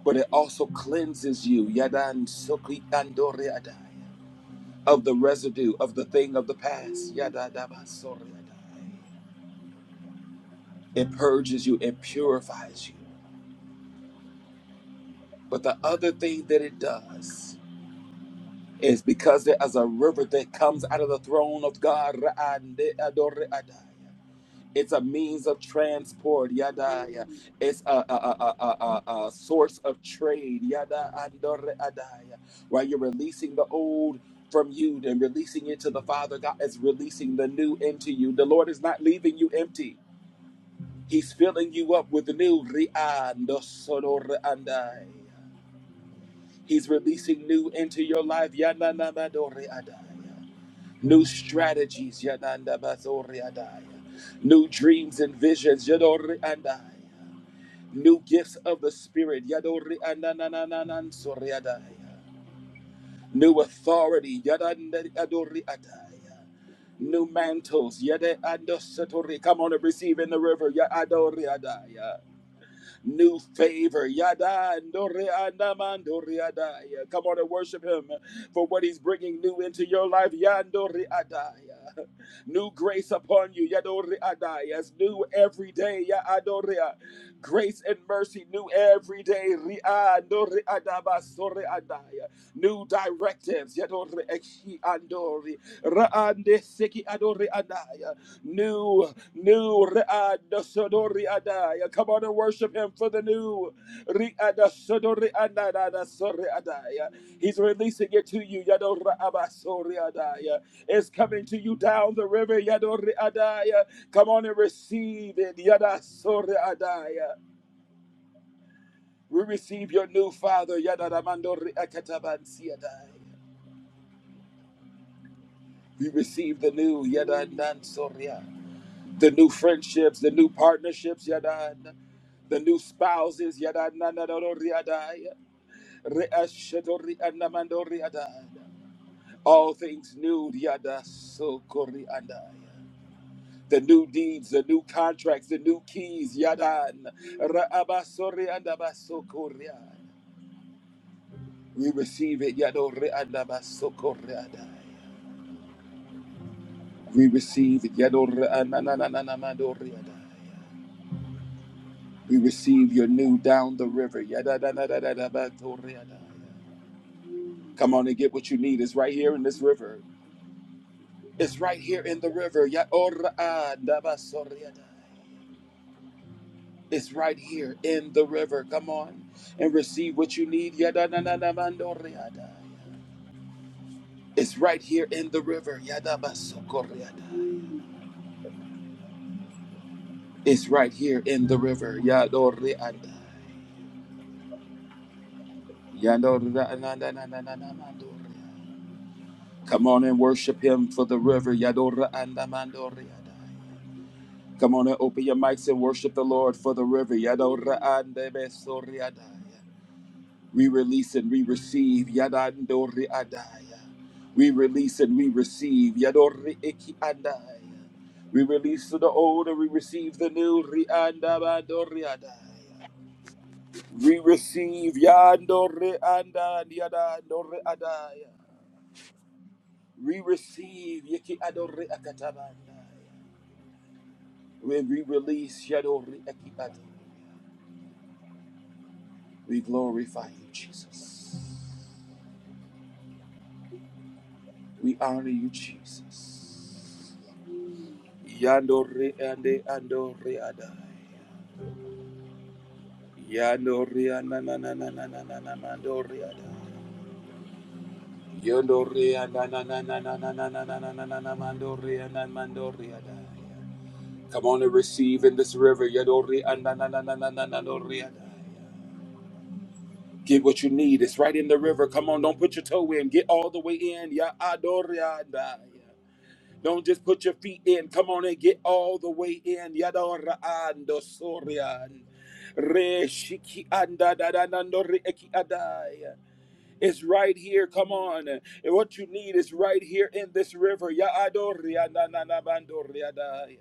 S1: But it also cleanses you Yadan suki'andora'adai, of the residue, of the thing of the past. Yadadabasora'adai. It purges you, it purifies you. But the other thing that it does It's because there is a river that comes out of the throne of God. Ra'ande adore adai. It's a means of transport. Yadaya. It's a, a, a, a, a, a source of trade. Yada adore adai. While you're releasing the old from you and releasing it to the Father, God is releasing the new into you. The Lord is not leaving you empty. He's filling you up with the new. Ri'ando sodore andai. He's releasing new into your life. Yada new strategies, Yananda Basoriadaya, new dreams and visions, Yadori Andaya, new gifts of the Spirit, Yadori Ananananan Soriadaya, new authority, Yadanda Adori Adaya, new mantles, Yade Andosatori. Come on and receive in the river, Yadori Adaya new favor. Yada ndore andaman dore adaya. Come on and worship him for what he's bringing new into your life. Yandore adaya. New grace upon you. Yadore adaya. It's new every day. Yadorea. Grace and mercy new every day. Ria ndore adaba sore adaya. New directives. Yadore ekshi andore. Raande seki adore adaya. New New Re'ada Sodori Adaya. Come on and worship him for the new Re'ada Sodori Adada Sori Adaya. He's releasing it to you. Yadora Abasori Adaya. It's coming to you down the river. Yadori Adaya. Come on and receive it. Yada Sori Adaya. We receive your new father. Yada Ramandori Akatabansi Adaya. We receive the new Yada Nan Soria. the new friendships, the new partnerships, yada, the new spouses, yada, na, na, na, do, yada, re, yada, all things new, yada, so, kori, anda, the new deeds, the new contracts, the new keys, yada, ra, abaso, re, anda, we receive it, yada, and anda, we receive it, yada, re, ananananamando, yada. We receive your new down the river. Yadadadadadabatoreada. Come on and get what you need. It's right here in this river. It's right here in the river. Yaoradabasoreada. It's right here in the river. Come on and receive what you need. Yadadadadabandoreada. It's right here in the river. Yadabasokoreada. It's right here in the river. Yadoreada. Yadoreada. Come on and worship him for the river. Yadora andamandori Come on and open your mics and worship the Lord for the river. Yadora andebesori adai. We release and we receive. Yadandori adai. We release and we receive. Yadori iki andai. We release the old and we receive the new. Riandabandori adai. We receive Yandore and Yadandore adai. We receive Yeki Adore Akatabanda. When we release Yadore Akibata, we glorify you, Jesus. We honor you, Jesus. Yandore Ande Andore Adai. Yandore Anananananananananandore Adai. Yandore Anananananananananananananandore Ananandore Adai. Come on and receive in this river. Yadore Ananananananandore Adai. Get what you need. It's right in the river. Come on, don't put your toe in. Get all the way in. Ya adorianda. Don't just put your feet in. Come on and get all the way in. Yadoraando sorian. Re shiki anda da da nando re eki adai. It's right here. Come on. And what you need is right here in this river. Ya adorianda na na bando riadai.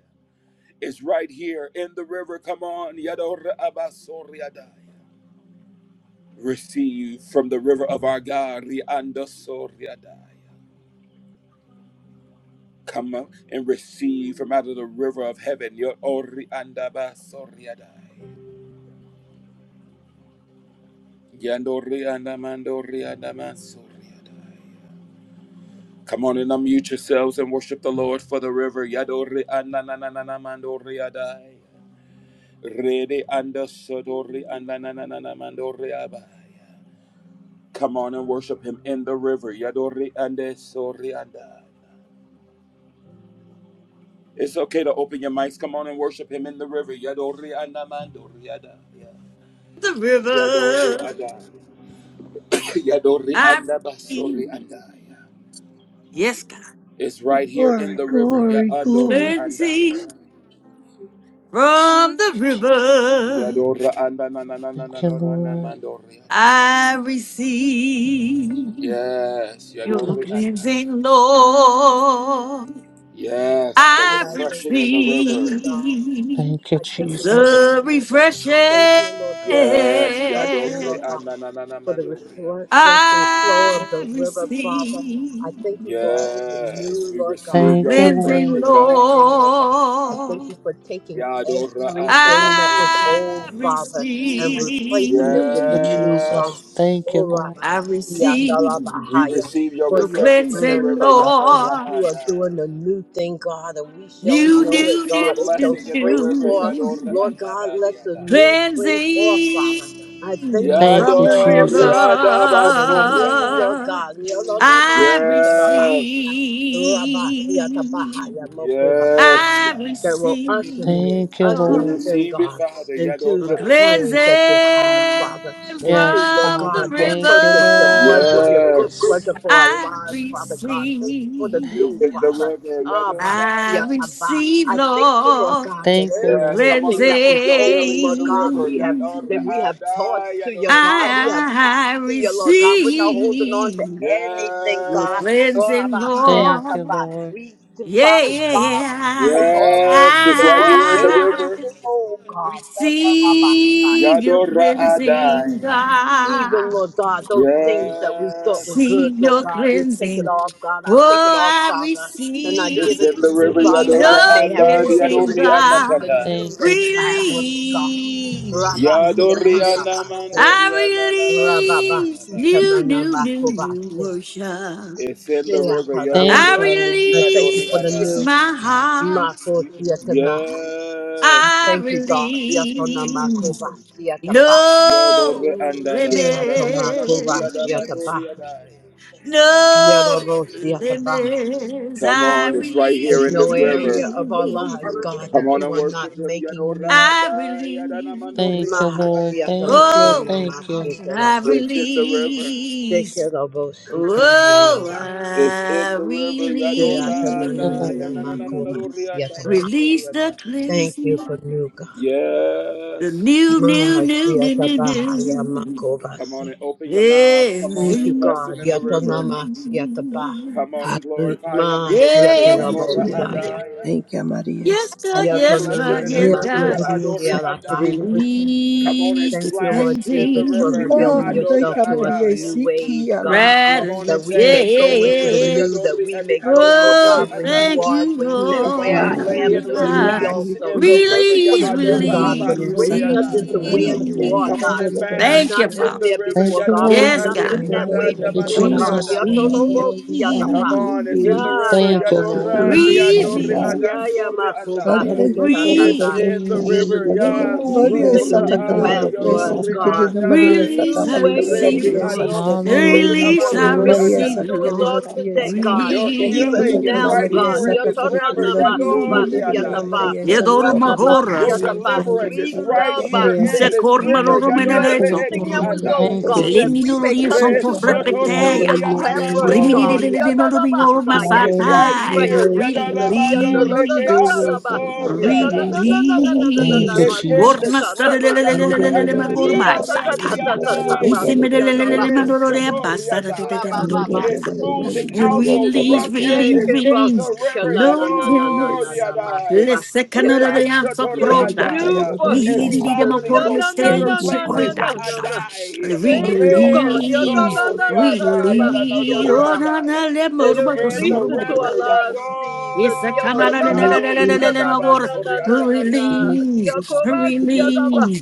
S1: It's right here in the river. Come on. Yadora abasoriadai receive from the river of our God, Rianda Soriadaya. Come up and receive from out of the river of heaven, your Orianda Basoriadaya. Yando Rianda Mando Rianda Masoriadaya. Come on and unmute yourselves and worship the Lord for the river. Yado Rianda na Mando Riadaya. Rede Anda Sodori Anda Mando Riabaya. Come on and worship him in the river. Yadori Ande Sorianda. It's okay to open your mics. Come on and worship him in the river. Yadori anamando riada.
S6: the
S1: Yadori
S6: river
S1: adai. Yadori
S6: I
S1: andabasori
S6: be.
S1: andai.
S6: Yes, God.
S1: It's
S3: you.
S1: right here in
S3: Glory,
S1: the river.
S3: glory,
S1: Yadori
S3: glory.
S1: andai.
S6: Cleansing from the river
S1: Yadora
S5: Thank you, Lord.
S1: andanananananananamando riada.
S6: I receive.
S1: Yes,
S6: Your
S1: yadori andai.
S6: cleansing, Lord,
S1: Yes, the
S7: Father,
S6: I
S7: I thank
S1: refreshing
S7: you
S1: in
S7: for
S1: the
S7: the river,
S1: river.
S7: God.
S6: receive.
S5: Thank you,
S7: I thank you for this
S5: Jesus.
S6: The
S7: new God. I
S6: refreshing
S7: thank you, Lord God, for the
S1: Yes,
S7: refreshing,
S1: yadori
S7: Lord God, for the
S1: ananananamando riada.
S7: refreshing flow of
S6: I
S7: the river, Father. I
S6: receive.
S7: thank you for all the
S1: Yes,
S7: new,
S1: we
S7: Lord
S6: Your
S7: God,
S1: receive
S5: Thank
S1: your
S5: you,
S7: for
S5: Lord.
S6: cleansing,
S7: doing
S1: refreshing,
S7: the new
S1: God.
S7: thing, Lord God. I thank
S6: Lord.
S7: you for taking
S1: Yadora
S7: everything that was
S1: andabasori
S6: I
S7: old,
S1: adaya.
S7: Father, and
S6: receive,
S7: replacing it with
S5: Thank you,
S7: new,
S5: Jesus.
S7: God.
S1: Yes.
S5: Thank you,
S7: Oh,
S5: Lord.
S6: I receive
S1: We
S7: Rabbi,
S1: receive your
S7: for
S6: your
S7: your
S1: refreshing in the
S7: plans
S6: cleansing,
S7: for
S1: river,
S7: us, God.
S1: Yadora
S6: Lord.
S7: You are
S1: adaya.
S7: doing a new thing, God, and we shall
S1: We
S6: New,
S7: know it,
S6: new,
S1: receive
S7: God.
S1: your
S7: It
S6: new,
S7: shall
S1: blessing in the
S7: spring
S1: river,
S6: new,
S7: forth.
S1: Yadora
S7: Lord
S6: new.
S7: God,
S1: andabadi
S7: let the
S1: adaya.
S7: new spring forth, Father. I thank
S6: Cleansing
S7: you,
S5: Thank
S7: Lord
S6: from
S5: you,
S6: the
S7: God,
S1: Yadori
S5: Jesus.
S7: Yalaba, for the
S1: andabasori
S7: new, Lord
S1: adaya.
S6: river.
S7: God. Yalanama,
S6: I
S7: Shikalaba,
S1: Yes.
S6: receive,
S7: Rabba, Siatabahaya, Mokobasi,
S1: Yes.
S6: I
S1: God.
S7: That will usher
S6: receive,
S7: me and
S5: Thank you,
S1: We
S7: usher us
S6: Lord.
S5: Lord.
S7: in,
S1: receive it,
S7: God,
S1: Father,
S7: into
S1: Yadora
S6: To
S7: the
S6: cleanse
S1: adaya.
S7: plans that you have, Father
S6: it
S7: into,
S5: Yes,
S7: Lord
S6: from
S5: Father.
S6: the
S7: God, your
S5: Thank you,
S7: purpose, your
S5: Lord.
S6: river
S7: pleasure, your good
S1: Yes.
S7: pleasure for our
S6: I
S7: lives, Father God. Thank you for the
S6: receive.
S5: Thank
S7: new,
S1: In
S5: you.
S1: the
S7: Father.
S1: river, Yadora
S7: Abba,
S6: I
S1: adai.
S7: yeah, Abba.
S6: receive,
S7: I thank you, Lord
S6: Lord,
S7: God,
S5: Thank you,
S7: that
S6: your
S1: Yes,
S5: Lord.
S1: come on and
S7: everything that
S1: receive
S7: was
S1: your
S7: old,
S1: healing in
S7: Lord
S1: the
S7: God,
S1: river.
S7: we have that
S6: cleansing.
S7: we have tossed
S1: Yadorada,
S7: to your God, we
S1: yadororiada.
S7: have cast
S6: I I
S7: to You, Lord God. We're not holding on to
S6: receive
S7: anything,
S6: your
S7: God.
S1: Yes,
S7: Lord,
S6: cleansing,
S7: Abba, say,
S5: Thank you,
S6: Lord.
S7: Abba.
S5: Lord.
S7: We,
S6: Yeah,
S7: Father
S6: yeah,
S7: God, we
S6: yeah.
S7: take off, we
S1: yes, it's
S7: strip
S1: right
S7: off
S1: here in the
S6: I
S1: river.
S7: everything, oh God
S6: receive your
S1: Yadoraada.
S6: cleansing, God.
S7: even, Lord God, those things that we thought
S1: Yes,
S7: were
S6: See
S7: good, Lord
S6: your
S7: God. We take it
S6: cleansing.
S7: off, God. I take it
S6: Oh,
S7: off,
S6: I
S7: Father. And I
S6: receive
S7: give
S1: it's
S7: it
S1: in the
S7: to you,
S1: river.
S7: God, that I
S6: your
S7: may have
S1: Yadoraada,
S7: room to
S6: cleansing,
S7: receive
S6: God.
S7: the new
S1: yadorianakada.
S5: Thank
S7: that
S5: you,
S7: you have for me,
S5: Jesus.
S7: God.
S6: Release.
S7: Rabba-shaka-rabba-se,
S6: I
S1: Yadorianamandoria.
S6: release new, new, new, new
S7: rabba-ba-shika-na-na-ba-ko-ba-se,
S6: worship.
S1: It's in the river.
S7: shea-ta-da-ba.
S5: Thank
S6: I
S5: you, Lord.
S1: Yadorianiki
S7: I thank you for the
S6: release
S7: new.
S1: adoriada.
S6: my heart.
S7: Mako-shea-ta-na.
S1: Yes,
S7: I
S6: I
S7: thank
S1: God.
S7: you, God.
S6: release
S7: Shea-ta-na-ma-ko-ba-shea-ta-ba,
S6: no limits.
S7: shea-ta-ma-ko-ba-shea-ta-ba.
S6: No limits
S1: Come
S6: I
S1: on, it's right here
S7: There's
S1: in
S7: no
S1: this river.
S7: area of our
S6: release.
S7: lives, God,
S1: Come
S7: that
S1: on
S7: you
S1: and
S7: are
S1: worship
S7: not
S1: him.
S7: making new.
S6: I release.
S5: Thank you, Lord. Thank you.
S6: Oh,
S5: Thank you.
S6: God, I
S7: Mahasiyatanananamasekelaba.
S1: It's in the river.
S6: release. Oh,
S7: Sekelabosikamanaba.
S1: It's in
S6: I
S1: the river.
S5: Thank
S6: release.
S5: you, Lord.
S7: Seyatananananamakobasiyataba.
S6: Release the
S7: Thank
S6: cleansing,
S7: you for new God.
S6: the
S1: Yes.
S6: new, new, new, new, new, new
S1: Come on and open your mouth. Come on
S7: Thank you,
S1: and
S6: cleansing.
S1: bless him
S7: God.
S1: in the river.
S7: Yatanamasiyataba.
S1: Come on and
S3: Hallelujah.
S1: glorify him in the river.
S3: Glory to your
S7: Mahasiyatalabosaya.
S3: name.
S6: Yeah.
S3: Thank you, Maria.
S6: Yes, God,
S1: Come on and
S6: yes,
S1: bless him
S6: God,
S1: in the
S6: yes,
S3: Yes,
S1: river, ya
S6: God.
S3: Lord,
S1: adore
S3: Yeah,
S7: Yatanananamakoba.
S1: adaya.
S3: Maria.
S1: Come on and
S6: Release the
S7: Thank you,
S1: splash
S7: Lord
S1: in the
S7: Jesus, for
S1: river, ya
S3: Ah,
S7: revealing
S6: cleansing.
S1: adore
S3: thank
S7: yourself
S3: you,
S7: to us
S3: Maria.
S7: in
S1: adaya.
S7: new ways,
S3: isiki, Ana
S7: God.
S3: Maria.
S1: Come on
S7: That
S1: and
S3: Santa
S6: Strategies.
S7: we
S6: Yeah,
S7: may
S1: dance
S6: yeah,
S1: in
S7: go
S1: the
S7: into
S6: yeah,
S7: the
S1: river,
S6: yeah.
S1: ya
S7: new,
S1: adore
S7: that we
S1: adi
S7: may go, Lord
S6: Oh,
S1: andosatori
S7: God, where you
S6: thank
S1: andaya.
S7: are,
S6: you,
S7: for you said,
S4: You,
S1: Come on
S7: Where I
S4: Father,
S1: and
S4: I
S1: lay
S7: am,
S4: wish
S1: and
S7: shall you
S4: you,
S7: be
S6: Lord.
S4: I
S1: relax
S4: wish
S7: also.
S1: in
S4: you.
S1: the
S7: Thank
S1: river,
S7: you
S1: ya
S7: for the
S6: Release,
S7: new,
S1: adore
S4: Make
S3: Ana
S7: God,
S4: us a
S7: for
S6: release,
S3: Maria.
S4: little
S1: abasori
S3: Sata
S7: bringing us
S6: release.
S7: into
S4: bit
S1: adaya.
S3: particular
S4: better,
S7: where
S4: better,
S7: you
S3: Maria.
S7: are,
S1: Come on
S7: God.
S1: and
S3: Ana
S7: We've
S1: bask
S6: Thank you,
S7: not
S3: Maria.
S1: in
S7: been
S6: Father.
S1: the
S7: there
S1: river,
S7: before,
S5: Thank
S1: ya
S5: you,
S7: God.
S1: adore
S7: We've
S5: Lord.
S6: Yes,
S7: not
S6: God.
S7: been
S1: adiki
S7: that
S3: Ana
S7: way
S5: Thank
S1: adanda
S3: Maria.
S5: you,
S7: before,
S3: Sata
S1: mandori
S7: God.
S6: Release,
S5: Jesus.
S7: Yeah, so
S3: particular
S1: adaya.
S7: don't
S3: Maria.
S7: go see us
S1: Come
S7: apart.
S1: on, it's in the
S7: yeah,
S1: river.
S7: yeah,
S5: Thank you,
S7: no, no,
S5: Lord.
S7: no. no.
S1: Yadorandi
S3: Ana Maria.
S1: andori
S3: Santa
S7: Yeah, yeah,
S1: adasori
S3: Maria
S1: andaya.
S7: Makubasi,
S3: Siki.
S1: It's
S6: release,
S7: Katata.
S6: release.
S1: in the
S7: There's a
S1: river.
S7: new
S3: Maria
S7: thing
S1: Yasora
S3: Sata
S7: that you
S3: Kalila
S1: ah,
S7: have
S3: Maria
S7: for us,
S3: Siki.
S1: yadori
S7: God.
S3: Kedina
S7: A
S3: Maria
S1: andai.
S6: Release,
S3: Sata
S7: new
S6: I
S7: way
S3: particular
S7: in
S6: receive
S7: you,
S6: it,
S1: Regi
S3: Maria
S6: Lord.
S3: Sata.
S7: Jesus. Thank
S1: adosori
S7: you
S5: Hallelujah.
S7: for
S6: Release, I
S1: amandori
S7: revealing
S3: Maria
S7: us
S6: receive it,
S7: to
S3: Sata
S1: andaya.
S7: us
S6: Lord.
S3: Kalila
S7: on
S3: Maria
S7: today,
S3: Siki.
S7: God.
S1: Your
S7: Even
S1: healing is
S7: now,
S3: Ikana
S6: Release.
S1: right
S3: Maria
S7: God.
S1: here in
S3: Sata
S1: this river.
S3: particular Maria Siki.
S1: Yadori
S3: Kedina
S1: adaya.
S7: Yatonanamakovasiataba,
S3: Maria Sata
S6: Yado
S4: better,
S6: mahora
S1: Your
S6: sa,
S3: particular
S7: rababasiataba.
S1: deliverance
S4: better,
S7: We
S1: is
S4: better,
S1: right
S7: love
S4: better,
S7: our
S4: better.
S1: here
S3: Maria
S6: un
S1: in
S3: Sakala
S7: faith.
S1: this
S6: sakor
S7: We
S1: river.
S7: give
S6: maloro
S7: to you
S3: Maria
S1: Yadori
S6: manadeto
S4: Thank you,
S7: everything
S1: eki
S7: that
S6: kory.
S3: Sakirina
S7: was
S3: Maria
S7: old,
S4: Father.
S5: Thank you,
S1: andai.
S7: God,
S3: Sakala
S7: that
S6: Lini
S7: we
S5: Jesus.
S7: may
S6: noloriy
S7: come
S6: sa mpo
S7: into what is
S6: frapeta
S7: new
S3: Maria
S1: Reshotoreni
S7: that you
S6: yahor.
S7: have for us,
S3: Sakirina
S6: Rimini
S7: God.
S3: Maria
S6: nilini
S1: anamandoria.
S6: malumi yolo
S3: Sakirina
S7: Yadadabasaya.
S1: It's right
S7: In
S6: masata
S7: Christ
S1: here.
S6: yahor.
S7: Jesus, yanda
S1: Yadadamando
S3: Maria
S7: da da
S1: reke
S7: da da
S6: Release.
S1: ando
S7: da ba, sika
S3: Maria
S7: da na na
S1: soriadaya.
S7: na na na na na na
S5: Thank
S7: na
S5: you,
S7: ma,
S1: It's
S6: Release.
S1: in
S7: sika
S6: Gorma
S1: this
S5: Jesus.
S7: ta ta ta
S1: river.
S7: ta ta,
S1: Yadori
S6: sarelelelelelelele
S1: andabadi
S6: magorma
S7: iya ta
S1: yadori
S7: ta ta
S6: saikaya.
S7: ta ta ta ba,
S1: atiyadai.
S7: iya da ba,
S6: Isimelelelelele mandorore
S1: Resatori adai.
S7: ra
S6: basaradelele
S7: ba ba ba,
S1: It's
S6: madobriana.
S1: smoothing
S6: And
S1: out those
S6: release,
S1: rough
S6: release,
S1: edges
S7: shake ba,
S1: in the
S6: release.
S7: sika
S1: river.
S7: na na
S6: No
S7: na na na na
S1: Yadori
S6: limits.
S7: na ma, ko ba,
S1: adai.
S6: Lesse
S7: sika ta.
S6: canore anso
S7: You
S1: Resatori
S7: have a
S6: crodai.
S7: new
S1: andai.
S7: boss,
S6: Nihili di
S1: It's
S6: di demo
S7: Jesus.
S1: softening
S7: Yeah,
S6: corle
S1: those
S7: na na
S1: bitter
S6: stelle
S7: na na na
S1: places.
S7: na
S6: sicuritai.
S7: na na.
S1: Yadai.
S4: Thank
S7: Thank
S4: you,
S7: you, God. Yeah, da
S6: Release.
S7: da
S1: Resori
S7: da da da da
S1: adai.
S7: ba, yeah
S6: Release.
S1: Yadadori
S7: da
S6: Oh,
S7: ba
S6: no,
S1: adai.
S6: no, le
S7: for
S1: It's
S6: morma,
S7: your
S1: in
S7: release
S1: the
S7: into our
S1: river.
S4: Father.
S7: lives, Jesus. Your
S6: Isakarna
S7: no
S1: Yadori
S7: no no no
S1: adori
S4: I
S7: no
S6: lelelelelele
S7: no
S6: magor
S1: adabasori
S7: no no no
S1: adai.
S4: Thank
S7: no.
S4: you.
S7: Your
S6: release
S7: courage, your no no.
S6: release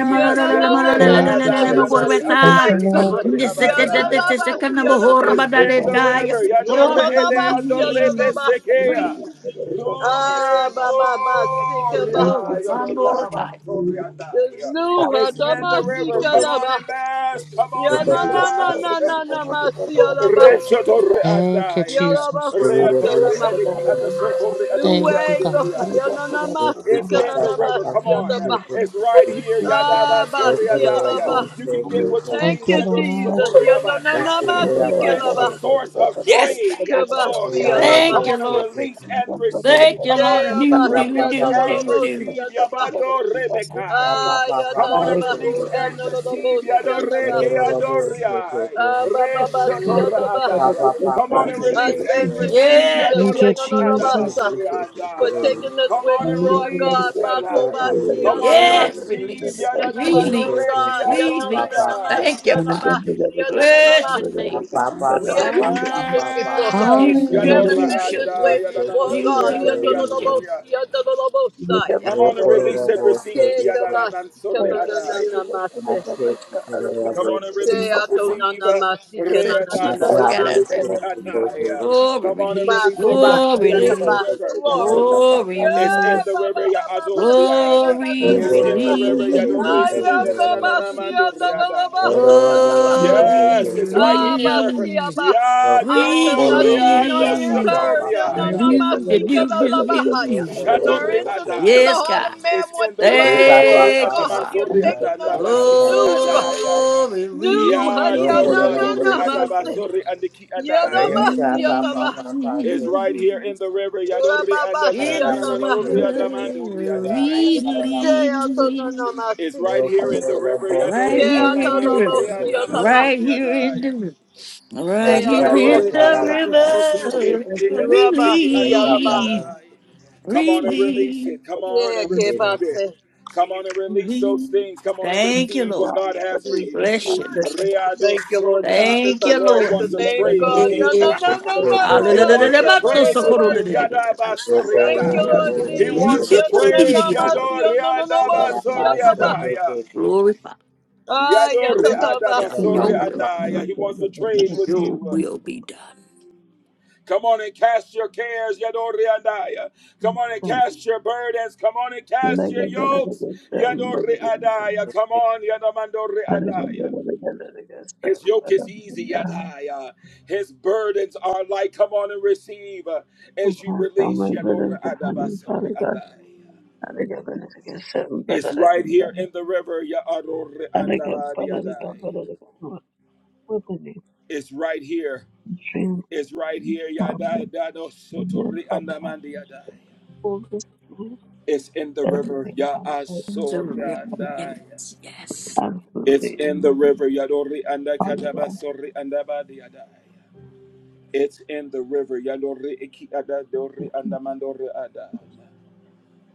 S7: Your no no no
S1: Yadore
S7: no
S5: Thank
S7: no
S5: you,
S7: no
S1: Ada,
S7: no
S6: magor
S7: no.
S1: Yadore
S5: Jesus.
S7: New
S5: Thank you,
S6: besar.
S7: sight,
S1: Andesiki
S5: Lord.
S7: God.
S1: Adore
S6: Nde
S7: Your
S6: sete
S7: no
S6: sete
S7: no
S1: Abandaya.
S6: sete sete
S7: no
S6: karna
S7: your no
S6: bohor
S7: no.
S1: It's in
S6: badale
S1: the
S6: taya.
S1: river,
S7: Your
S1: Yadore
S6: Lord,
S7: no no
S1: Ede
S7: no your no
S1: Adore
S7: no
S6: release,
S7: no.
S6: release.
S1: Besekea. Ruriedoria,
S7: Ah, ba ba ba, sika ba.
S6: Oh Lord, I'm
S1: Yadore
S6: Lord's child.
S7: There's
S1: Abatoriandaya.
S7: new
S8: Thank
S1: It's in the
S7: hatama
S1: river.
S7: sika
S1: Come
S7: la
S1: on
S7: ba.
S1: and bask. Come on
S7: Your
S1: and
S7: no no no
S1: bask.
S7: no no no no. Your no no.
S1: Reshotore
S5: Thank you,
S7: Your
S1: Adaya.
S7: no no.
S5: Jesus.
S7: sika la
S1: Reandore
S7: ba.
S1: Edeki Adasotorre
S7: New
S1: Adeki
S5: Thank you,
S7: way, God.
S5: God.
S1: Andoria.
S7: Yo no no mercy,
S1: It's
S7: God, no
S1: in the
S7: no
S1: river. Come
S7: mercy, oh,
S1: on.
S7: the ba-
S5: Mm.
S1: It's right here.
S7: Ah, mercy, oh, the
S1: Yadabasoriadaya. You can get what you
S5: Thank
S7: Thank
S1: need.
S5: you,
S7: you,
S5: Lord.
S7: Jesus. Yo no no no
S4: Thank
S1: Yadosatoriabandaya.
S7: mercy, God,
S1: It's
S7: the
S1: the
S7: ba-
S1: source of
S6: Yes,
S1: trade.
S7: Come, mercy, oh,
S1: Yatoria.
S7: no
S6: thank
S1: Come
S7: ma-
S6: you,
S1: on and
S6: Lord.
S1: release and receive.
S6: Thank you,
S1: Come on
S6: Lord.
S1: and
S7: Yeah,
S6: New,
S7: mercy,
S6: new,
S7: oh,
S1: release
S7: no
S6: new,
S7: no no
S1: and
S6: new, new.
S7: mercy,
S1: receive.
S7: oh, the ba-
S1: Yabado Rebekai.
S7: Ah, yo
S1: Come
S7: no
S1: on
S7: no
S1: and release
S7: mercy, oh,
S1: and
S7: no no no
S1: receive
S7: mercy, oh, the
S1: Yadoreke
S7: mercy.
S1: Yadoria.
S7: Ah, ba ba oh,
S1: Reshatora Adaya. Come on and
S7: I
S1: release and
S7: thank you,
S1: receive
S6: Yes,
S7: Jesus,
S5: Thank
S7: Yeah,
S5: you,
S7: no,
S1: Yadoreki
S7: no, no,
S5: Jesus.
S7: Master,
S1: Adabatori
S7: for
S1: Andaya.
S7: taking us
S1: Come
S7: where
S1: on
S7: you
S1: and
S7: are, God,
S1: release
S7: Marco
S1: Yadaya.
S7: Basi,
S1: Come on and
S6: yes.
S8: you.
S7: Alabasi,
S1: receive
S6: Release,
S7: into the
S8: Yes,
S7: new
S8: yes,
S6: release,
S1: Yadabadoreki
S8: yes.
S7: God.
S8: Ah,
S7: Yeah, no, no,
S8: Pa pa
S7: no,
S6: release.
S8: pa
S7: no,
S8: Pa
S7: Master,
S1: Yadoria.
S6: Thank
S7: Yeah,
S6: you,
S8: shake.
S7: no,
S6: Father.
S7: Master, Yeah, no, no, no,
S6: Blessed
S7: Master.
S8: Ah,
S6: name.
S8: pa pa
S7: We
S8: pa pa
S7: haven't
S6: Sound
S8: pa
S7: seen this
S8: pa. Pa
S7: before, God.
S8: pa
S6: new,
S1: Yes,
S7: We
S6: new,
S7: haven't
S5: Hallelujah.
S6: new
S1: Yadora
S7: been
S6: show.
S7: this way
S8: Yes,
S1: Andaya.
S8: yes,
S7: before,
S8: yes,
S6: New,
S1: Yadananore
S7: God.
S8: yes,
S6: new,
S7: Yeah, no, no,
S6: new
S8: yes.
S7: no,
S6: show.
S7: Master,
S1: Abadiandoria.
S7: Yeah, no, no, no, Master, yeah.
S1: Come
S8: Ro,
S1: on
S8: ko,
S1: and
S8: ro,
S1: release
S8: ro,
S1: and
S4: you.
S8: bo,
S1: receive
S8: shake
S7: Take
S8: it.
S7: a Master, no,
S1: Yadanansori
S4: Thank
S7: no, no,
S1: Adaya.
S7: no,
S8: Ah,
S7: Master.
S8: shake it, ko, ro, ro,
S1: Come
S8: bo,
S1: on and
S8: shake
S7: Say,
S1: release and
S7: I
S6: That
S7: don't
S8: it.
S6: one.
S7: know,
S1: receive.
S7: no,
S1: uh,
S7: Master, no,
S6: That's it.
S7: no, no,
S8: Ah, da,
S7: no,
S6: What
S7: no,
S8: da,
S6: got
S8: bo,
S6: out
S7: Master.
S6: there?
S8: shake it, ko, shake
S1: Uh,
S8: it.
S6: Glory
S1: Come on and
S6: release.
S1: release and receive it.
S6: Glory
S1: It's
S8: Yes,
S1: in the
S6: release.
S8: yes,
S7: Makobasiataba.
S8: yes,
S1: river.
S8: yes. Ah,
S7: Glory to
S8: pa pa, pa,
S6: Glory
S1: It's
S8: shake.
S1: in
S7: Yeah,
S8: it.
S6: release.
S1: the
S7: ba ba
S1: river, Ya
S7: ba ba ba seke
S1: Adorian.
S7: na na
S6: Glory
S8: Ro,
S7: na
S8: ko,
S1: It's
S7: na
S8: ro,
S1: in
S8: ro,
S7: na.
S1: the
S8: bo,
S1: river, Ya
S8: shake it,
S1: Dori
S6: release.
S8: ko, shake. it.
S1: Ede Na
S7: Ayatobasia na na na
S8: Ro, ro, ro, bo,
S7: basiataba.
S8: shake it, ko,
S6: Glory
S1: Yes,
S8: shake
S1: it's
S8: it.
S1: right
S7: Ah,
S1: here.
S7: basia
S6: release.
S7: ba.
S8: Ro,
S1: Ya
S7: Eyes have
S8: ko, ro,
S7: not
S8: ro, bo,
S7: seen, nor
S1: Doriando
S8: shaka,
S7: ears
S6: Release.
S8: Pa pa
S7: heard, no
S1: Sotoria.
S6: The
S8: pa
S7: no no
S8: pa.
S6: new, the
S7: masika
S6: new,
S7: la
S6: new,
S7: la
S6: new,
S7: bahaya.
S6: new.
S8: Rocco,
S7: Nor
S1: Shatori
S7: entered into the
S6: Yes,
S1: Adaya.
S7: heart of
S6: God.
S7: man
S1: It's
S7: what
S1: in the
S7: you
S1: river,
S7: have for
S1: Yadori
S7: us,
S6: Thank you,
S7: God.
S6: Father.
S7: You're
S1: Anamantori
S7: taking us into
S1: Adanamasiki
S7: new, God.
S1: Adaya.
S6: Glory release
S7: new. Yeah, no
S1: Yandor
S7: no
S1: Dori
S7: no masia.
S1: Adabasori
S8: Rabashe,
S1: and the Ki and
S7: Yeah, no
S1: I
S7: masia taba.
S1: is right here in the river. Yadori and
S6: in the
S7: Rababasiotoma,
S1: Nananananori and Namandori
S6: river,
S1: Adaya
S6: release
S1: is
S7: Seatononamasi,
S1: right here in the river.
S6: right
S1: Yadori and
S6: here in the river,
S1: Namandori and
S7: Keatoloboskiotoma,
S6: right
S1: Nabasori
S6: here in the
S1: Adaya.
S6: river, right here in
S1: Yadori
S7: Sealobos,
S1: and
S6: the
S1: the Sukumi
S6: river,
S1: and the
S4: you.
S1: Siki Adori
S7: Rabasialaba,
S6: release,
S1: Adaya. Come on and release
S6: release,
S1: it. Come on and receive it.
S7: Seakebase.
S1: Come on and release those
S6: release.
S1: things. Come on and
S6: Thank you,
S1: receive
S4: I
S1: what
S6: Lord.
S1: God has for
S7: Thank
S1: you.
S7: you,
S6: Bless you.
S7: Jesus.
S1: Reado
S7: Thank you, Lord
S1: sorra.
S7: Jesus.
S6: Thank
S1: The
S7: I
S6: you,
S1: Lord
S7: praise
S6: Lord.
S1: wants
S7: the
S1: to
S7: name,
S1: trade with
S7: God. Yeah,
S6: Glorify.
S1: you.
S7: no, no,
S6: Your
S7: no, no,
S6: will
S7: no,
S6: be
S1: he
S7: no,
S1: wants to
S7: yeah, no, no,
S1: trade
S7: no,
S1: with
S7: no,
S1: you.
S7: no.
S1: Yada
S7: Thank you,
S1: basoriadaya.
S7: Lord
S1: He
S7: Jesus.
S1: wants to
S7: Yeah, no, no,
S1: trade.
S7: no, no,
S1: Yado
S7: yeah, no, no, no,
S1: riada
S7: no, yeah, no, no.
S1: basoriadaya.
S7: Ah, yeah,
S1: Yado
S7: no, no,
S1: riada
S7: no.
S1: basoriadaya.
S6: done.
S8: Thank
S1: He wants to trade with
S6: Your will be done. Your
S1: you.
S6: will be done.
S1: Come on and cast your cares, Yadoriadaya. Come on and cast your burdens. Come on and cast your yokes, Yadoriadaya. Come on, Yadamandoriadaya. His yoke is easy, Yadaya. His burdens are light. Come on and receive uh, as you
S4: cast all
S1: release,
S4: my burdens upon you, Father God.
S1: Yadoriadabasoriadaya.
S4: Hallelujah.
S1: It's right here in the river,
S4: Hallelujah.
S1: Yadoriadabadiadaya.
S4: Hallelujah. Hallelujah.
S1: It's right here.
S4: dream
S1: It's right here,
S4: um,
S1: Yadaya.
S4: the public relations, all this with
S1: It's in the river
S4: everything
S1: ya
S4: about it.
S6: The
S4: in my
S6: river.
S4: life,
S1: Yaasorandaya.
S6: Yes, yes.
S1: It's
S4: Absolutely
S1: in the
S4: everything
S1: river Yadori anda
S4: about it.
S1: kataba
S4: all,
S1: Katabasori andabadi Abadiadaya. It's in the river Yadori Iki Adadori dori Amandori Ada.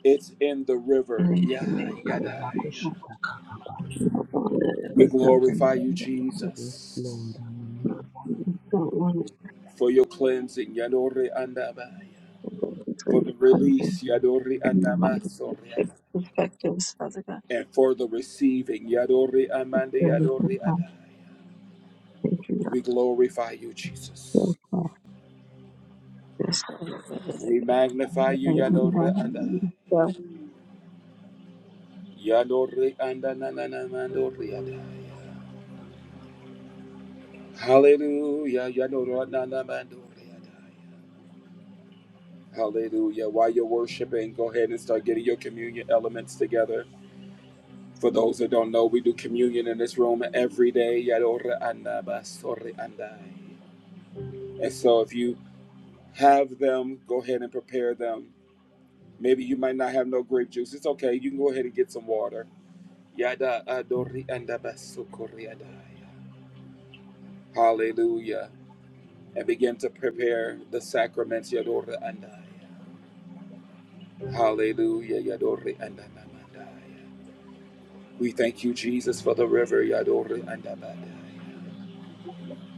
S1: It's in the river ya
S4: Anything with it. You
S1: Yadaya.
S4: know,
S9: Makoshita Kakapa.
S4: you know, on it, if
S1: We
S9: Yes,
S4: it's nothing,
S1: glorify you,
S4: you don't
S9: Lord.
S4: want it.
S9: Yes, Lord.
S1: Jesus,
S4: It's
S9: Hallelujah.
S4: not, you don't want it.
S1: for your cleansing Yadori and Abaya,
S4: So go for
S1: for the
S4: your cleansing
S1: release Yadori and
S4: and your money.
S1: Abasori
S4: Shift
S1: Ada,
S4: perspectives, Father God.
S1: and for the receiving Yadori Amanda
S4: Everything
S1: Yadori
S4: about
S1: Adaya.
S4: patriarch.
S1: We glorify you,
S4: Yes,
S1: Jesus.
S4: Father. Yes, Father. Yes, Father.
S1: We magnify
S4: Yes,
S1: you,
S4: Father. Yes,
S1: Yadore Adai.
S4: Father.
S1: Yadore Andanana Mandore Adai. Hallelujah, Yadore Adana Mandore Adai. Hallelujah. While you're worshiping, go ahead and start getting your communion elements together. For those that don't know, we do communion in this room every day. Yadore Anna Basore Andai. And so if you have them, go ahead and prepare them. Maybe you might not have no grape juice. It's okay. You can go ahead and get some water. Yada adori andabasukuriadaya. Hallelujah. And begin to prepare the sacraments. Yadora andaya. Hallelujah. Yadori andamamandaya. We thank you, Jesus, for the river. Yadori andabadaya.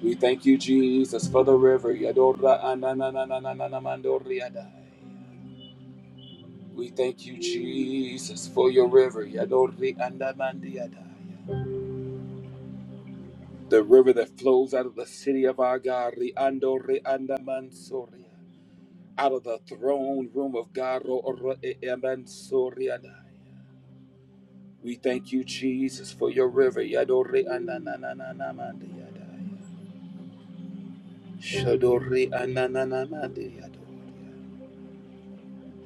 S1: We thank you, Jesus, for the river. Yadora ananananananamandoriadaya. We thank you, Jesus, for your river. Yadori andamandiadaya. The river that flows out of the city of our God. Riandori out of the throne room of God. e- We thank you, Jesus, for your river. Yadori ananananamandi adai. Shadori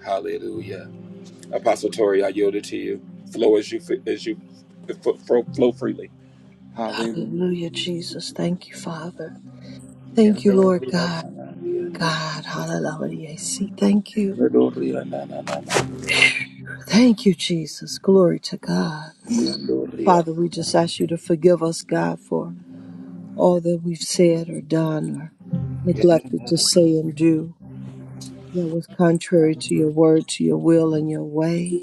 S1: Hallelujah. Apostle Tori, I yield it to you. Flow as you as you flow, flow freely.
S3: Hallelujah Jesus thank you Father thank you Lord
S1: Yadori
S3: God
S1: ananandi adai.
S3: God hallelujah see thank you
S1: Yadori anananamandi.
S3: thank you Jesus glory to God
S1: Yadori
S3: Father
S1: ananandi.
S3: we just ask you to forgive us God for all that we've said or done or neglected to say and do that was contrary to your word to your will and your way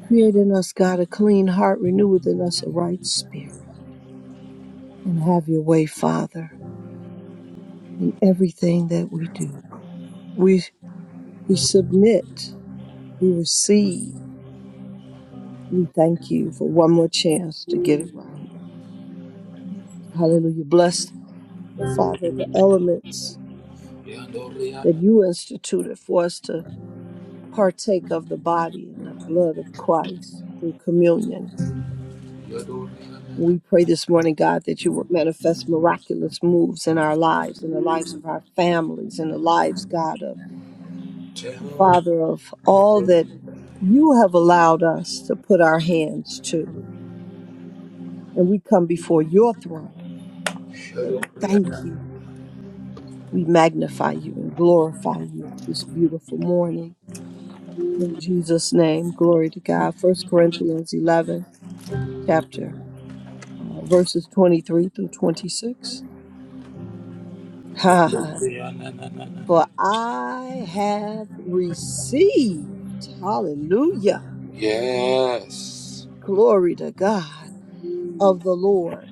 S3: Create in us, God, a clean heart, renew within us a right spirit, and have your way, Father, in everything that we do. We we submit, we receive, we thank you for one more chance to get it right. Hallelujah. Bless, Father, the elements
S1: Yadori
S3: that
S1: ananandi.
S3: you instituted for us to partake of the body and the blood of Christ through communion.
S1: Yadori
S3: We pray this morning, God, that you would manifest miraculous moves in our lives, in the lives of our families, in the lives, God, of Father, of all that you have allowed us to put our hands to. And we come before your throne saying, Thank you. We magnify you and glorify you this beautiful morning. In Jesus' name, glory to God. First Corinthians 11, chapter, uh, verses 23 through 26. for I have received, hallelujah,
S1: Yes.
S3: glory to God, of the Lord,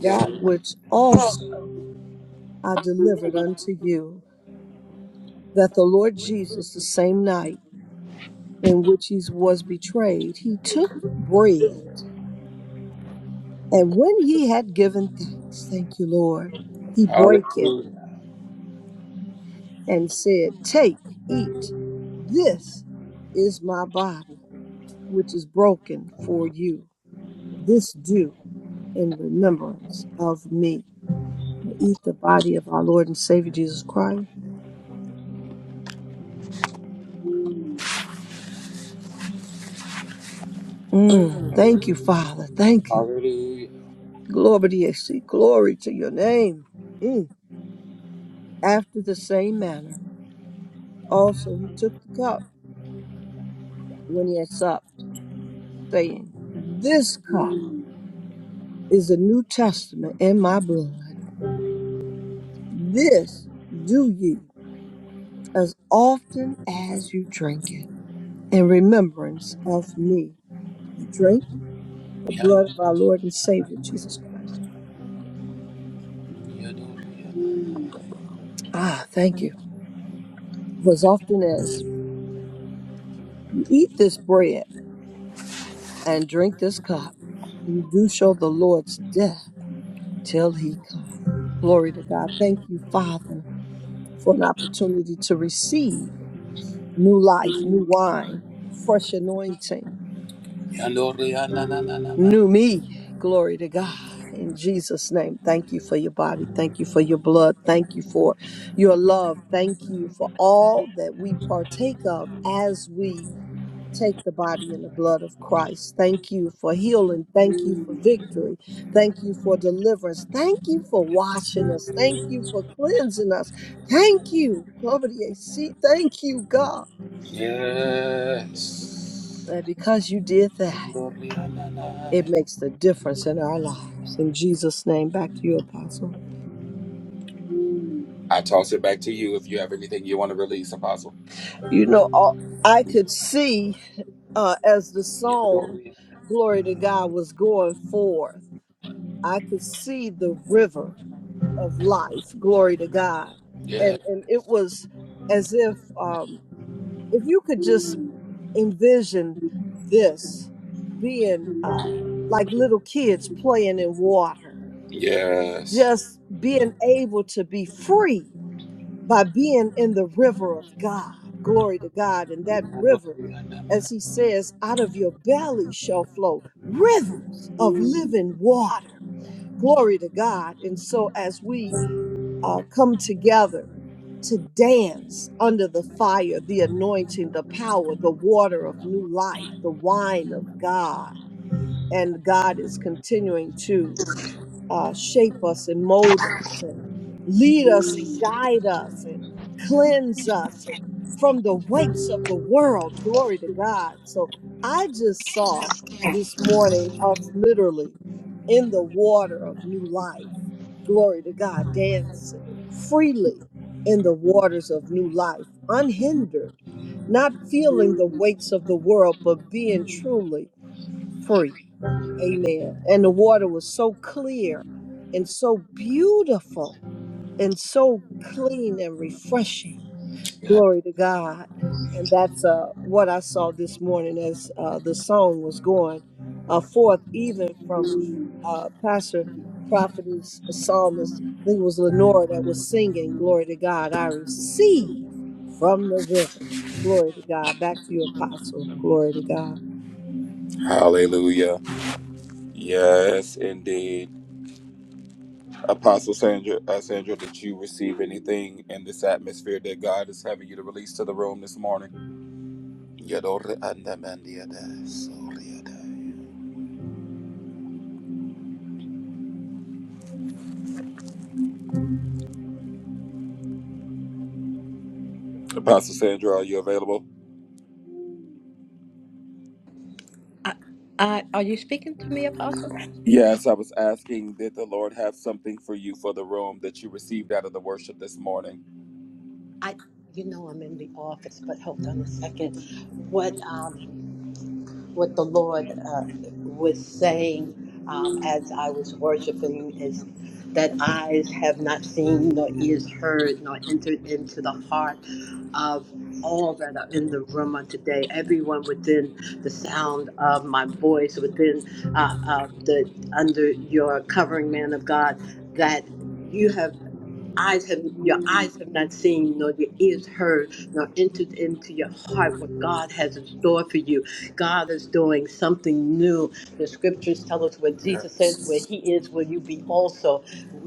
S1: Yeah.
S3: which also I delivered unto you, that the Lord Jesus, the same night in which he was betrayed, he took bread, and when he had given thanks, thank you, Lord, he brake it
S1: Hallelujah.
S3: and said, Take, eat, this is my body, which is broken for you This do in remembrance of me. And eat the body of our Lord and Savior Jesus Christ. Mm, thank you, Father. Thank you.
S1: Hallelujah.
S3: Glory to you. See, glory to your name. Mm. After the same manner, also he took the cup when he had supped, saying, This cup is the New Testament in my blood. This do ye as often as you drink it in remembrance of me. We drink the blood of our Lord and Savior Jesus Christ. Ah, thank you. For as often as you eat this bread and drink this cup, you do show the Lord's death till he come. Glory to God. Thank you, Father, for an opportunity to receive new life, new wine, fresh anointing. New me. Glory to God. In Jesus' name, thank you for your body. Thank you for your blood. Thank you for your love. Thank you for all that we partake of as we take the body and the blood of Christ. Thank you for healing. Thank you for victory. Thank you for deliverance. Thank you for washing us. Thank you for cleansing us. Thank you. Glory to you. See, thank you, God,
S1: Yes.
S3: that because you did that. It makes the difference in our lives. In Jesus' name, back to you, Apostle.
S1: I toss it back to you if you have anything you want to release, Apostle.
S3: You know, all- I could see uh, as the song
S1: Yandoriyananai.
S3: Glory to God was going forth, I could see the river of life, glory to God.
S1: Yeah.
S3: And, and it was as if, um, if you could just envision this being uh, like little kids playing in water,
S1: Yes.
S3: just being able to be free by being in the river of God. Glory to God. And that river, as he says, out of your belly shall flow rivers of living water. Glory to God. And so as we uh, come together to dance under the fire, the anointing, the power, the water of new life, the wine of God, and God is continuing to uh, shape us and mold us and lead us and guide us and cleanse us and from the weights of the world. Glory to God. So I just saw this morning us literally in the water of new life. Glory to God, dancing freely in the waters of new life, unhindered, not feeling the weights of the world, but being truly free. Amen. And the water was so clear and so beautiful and so clean and refreshing. Glory to God. And that's uh, what I saw this morning as uh, the song was going uh, forth, even from uh, Pastor, Prophetess, Psalmist. I think it was Lenora that was singing, Glory to God. I receive from the river. Glory to God. Back to you, Apostle. Glory to God.
S1: Hallelujah. Yes, indeed. Apostle Sandra, uh, Sandra, did you receive anything in this atmosphere that God is having you to release to the room this morning? Yadore andamandiada, soriada. Apostle Sandra, are you available?
S7: Uh, are you speaking to me, Apostle?
S1: Yes, I was asking, did the Lord have something for you for the room that you received out of the worship this morning?
S7: I, you know, I'm in the office, but hold on a second. What um, what the Lord uh, was saying um, as I was worshiping is that eyes have not seen, nor ears heard, nor entered into the heart of all that are in the room on today. Everyone within the sound of my voice, within uh, uh, the under your covering, man of God, that. You have eyes have your eyes have not seen, nor your ears heard, nor entered into your heart what God has in store for you. God is doing something new. The scriptures tell us what Jesus says, Where he is, will you be also.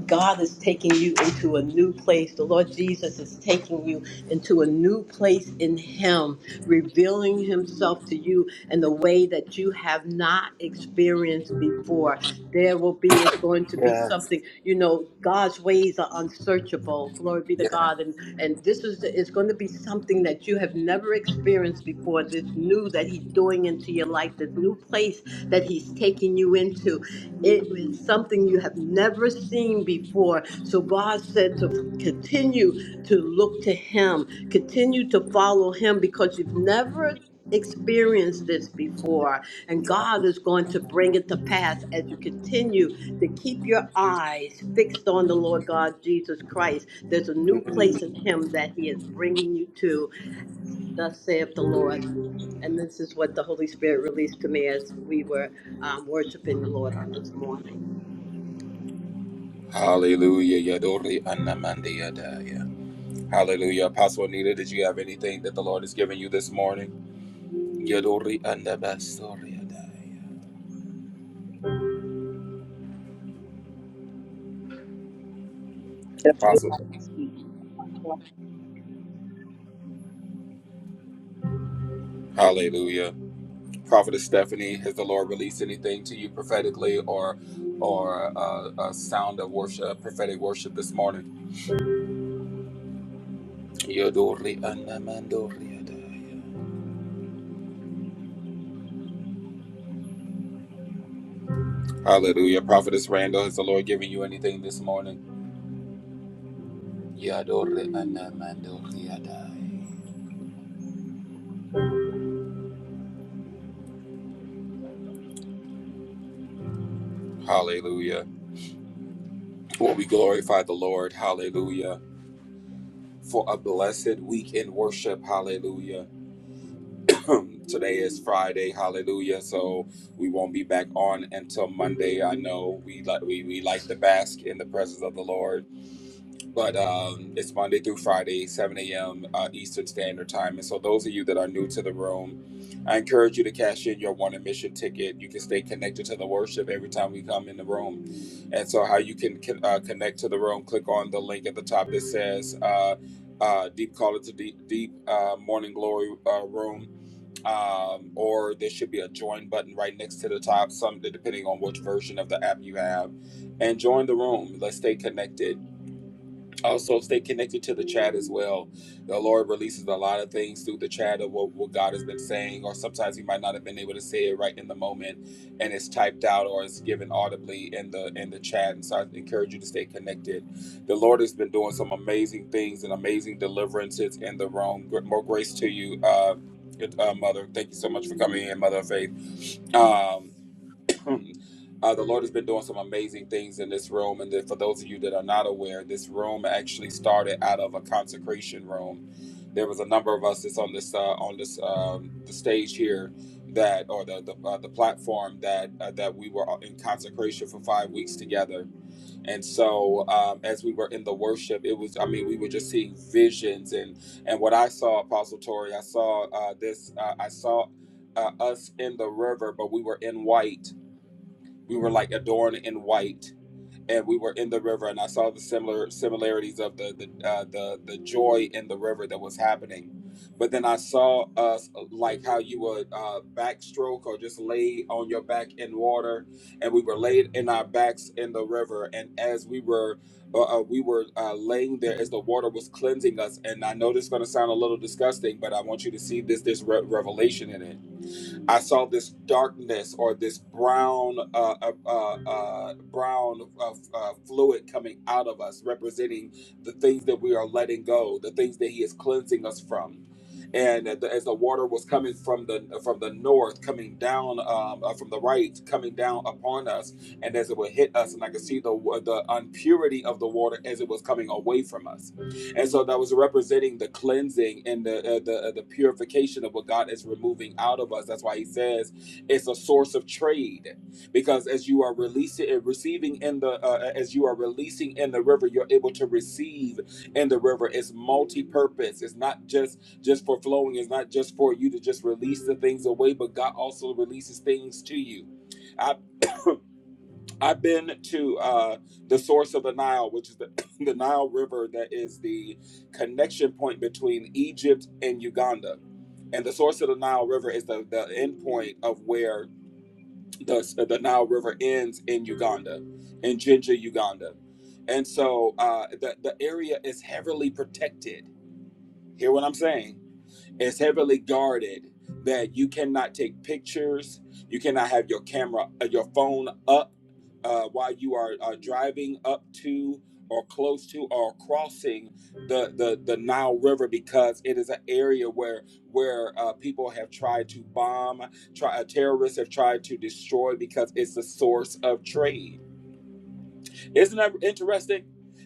S7: God is taking you into a new place. The Lord Jesus is taking you into a new place in him, revealing himself to you in the way that you have not experienced before there will be is going to be something you know god's ways are unsearchable glory be to god and and this is it's going to be something that you have never experienced before this new that he's doing into your life this new place that he's taking you into it is something you have never seen before so god said to continue to look to him continue to follow him because you've never experienced this before and God is going to bring it to pass as you continue to keep your eyes fixed on the Lord God Jesus Christ. There's a new place in Him that He is bringing you to, thus saith the Lord. And this is what the Holy Spirit released to me as we were um, worshiping the Lord on this morning.
S1: Hallelujah. Yadori anamande yada. Hallelujah. Apostle Anita, did you have anything that the Lord has given you this morning? Yadori andabasoriadai.
S10: the place
S1: Apostle.
S10: I can speak.
S1: Hallelujah. Prophetess Stephanie, has the Lord released anything to you prophetically or or uh, a sound of worship, prophetic worship this morning? Yadori andamandoriadai. Hallelujah. Prophetess Randall, has the Lord given you anything this morning? Yadori andamandoriadai. Hallelujah. Will we glorify the Lord? Hallelujah. for a blessed week in worship. Hallelujah. Today is Friday. Hallelujah. So we won't be back on until Monday. I know we like we, we like to bask in the presence of the Lord but um, it's Monday through Friday, 7 a.m. Uh, Eastern Standard Time. And so, those of you that are new to the room, I encourage you to cash in your one admission ticket. You can stay connected to the worship every time we come in the room. And so, how you can con- uh, connect to the room, click on the link at the top that says uh, uh, Deep Call It to Deep, deep uh, Morning Glory uh, Room. Um, or there should be a join button right next to the top, some depending on which version of the app you have, and join the room. Let's stay connected also stay connected to the chat as well. The Lord releases a lot of things through the chat of what, what God has been saying, or sometimes you might not have been able to say it right in the moment, and it's typed out or it's given audibly in the in the chat. And so I encourage you to stay connected. The Lord has been doing some amazing things and amazing deliverances in the room. Gr- More grace to you, uh, uh, Mother. Thank you so much for coming in, Mother of Faith. Um, Uh, the Lord has been doing some amazing things in this room. And then for those of you that are not aware, this room actually started out of a consecration room. There was a number of us that's on this uh, on this um, the stage here that or the the, uh, the platform that uh, that we were in consecration for five weeks together. And so um, as we were in the worship, it was I mean we were just seeing visions and and what I saw, Apostle Tori, I saw uh, this uh, I saw uh, us in the river, but we were in white we were like adorned in white and we were in the river and i saw the similar similarities of the the uh, the, the joy in the river that was happening but then i saw us like how you would uh, backstroke or just lay on your back in water and we were laid in our backs in the river and as we were uh, uh, we were uh, laying there as the water was cleansing us and i know this is going to sound a little disgusting but i want you to see this this re- revelation in it I saw this darkness or this brown, uh, uh, uh, uh, brown uh, uh, fluid coming out of us, representing the things that we are letting go, the things that He is cleansing us from. And at the- as the water was coming from the from the north, coming down um, uh, from the right, coming down upon us, and as it would hit us, and I could see the the impurity of the water as it was coming away from us and so that was representing the cleansing and the uh, the uh, the purification of what God is removing out of us. That's why He says it's a source of trade, because as you are releasing and receiving in the uh, uh, as you are releasing in the river, you're able to receive in the river. It's multi-purpose. It's not just just for flowing. It's not just for you to just release the things away, but God also releases things to you. I I've been to uh, the source of the Nile, which is the, the Nile River that is the connection point between Egypt and Uganda. And the source of the Nile River is the, the end point of where the, the Nile River ends in Uganda, in Jinja, Uganda. And so uh, the, the area is heavily protected. Hear what I'm saying? is heavily guarded that you cannot take pictures you cannot have your camera uh, your phone up uh, while you are uh, driving up to or close to or crossing the, the the nile river because it is an area where where uh, people have tried to bomb try, uh, terrorists have tried to destroy because it's the source of trade isn't that interesting?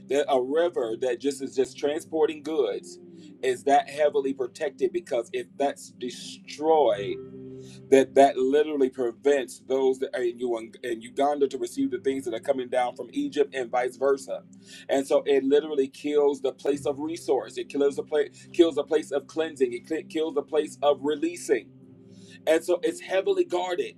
S1: That a river that just is just transporting goods is that heavily protected because if that's destroyed, that that literally prevents those that are in, U- in Uganda to receive the things that are coming down from Egypt and vice versa. And so it literally kills the place of resource. It kills the place, kills the place of cleansing. It cl- kills the place of releasing. And so it's heavily guarded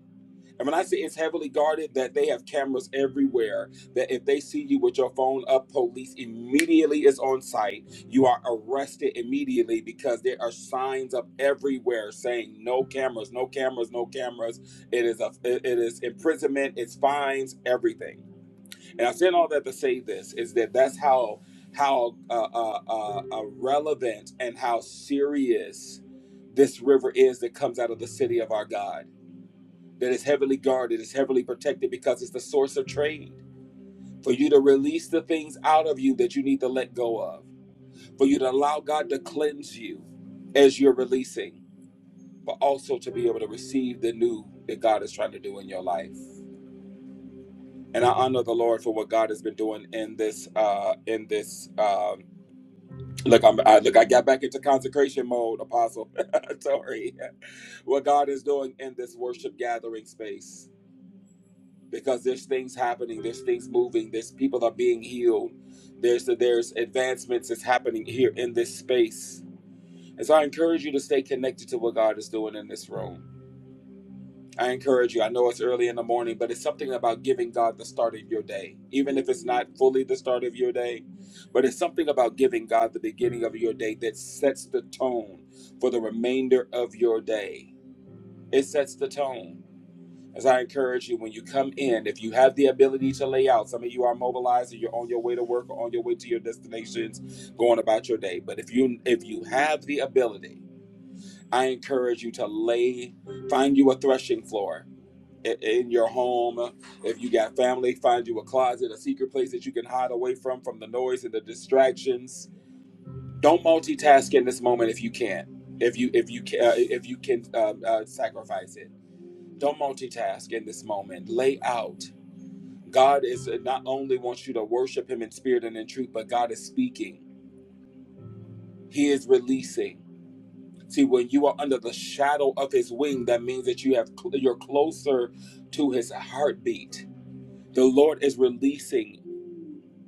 S1: and when I say it's heavily guarded, that they have cameras everywhere. That if they see you with your phone up, police immediately is on site. You are arrested immediately because there are signs up everywhere saying no cameras, no cameras, no cameras. It is a it it is imprisonment, it's fines, everything. And I'm saying all that to say this is that that's how how uh, uh, uh, uh, relevant and how serious this river is that comes out of the city of our God that is heavily guarded, is heavily protected because it's the source of trade. For you to release the things out of you that you need to let go of, for you to allow God to cleanse you as you're releasing, but also to be able to receive the new that God is trying to do in your life. And I honor the Lord for what God has been doing in this. Uh, in this, um, look, I'm I, look. I got back into consecration mode, Apostle. Sorry, what God is doing in this worship gathering space because there's things happening, there's things moving, there's people are being healed, there's there's advancements that's happening here in this space. And so I encourage you to stay connected to what God is doing in this room. I encourage you. I know it's early in the morning, but it's something about giving God the start of your day, even if it's not fully the start of your day. But it's something about giving God the beginning of your day that sets the tone for the remainder of your day. It sets the tone. As I encourage you, when you come in, if you have the ability to lay out, some of you are mobilized and you're on your way to work or on your way to your destinations, going about your day. But if you if you have the ability, I encourage you to lay, find you a threshing floor i- in your home. If you got family, find you a closet, a secret place that you can hide away from from the noise and the distractions. Don't multitask in this moment if you can. If you if you can uh, if you can uh, uh, sacrifice it. Don't multitask in this moment. Lay out. God is uh, not only wants you to worship him in spirit and in truth, but God is speaking. He is releasing. See, when you are under the shadow of his wing, that means that you have you're closer to his heartbeat. The Lord is releasing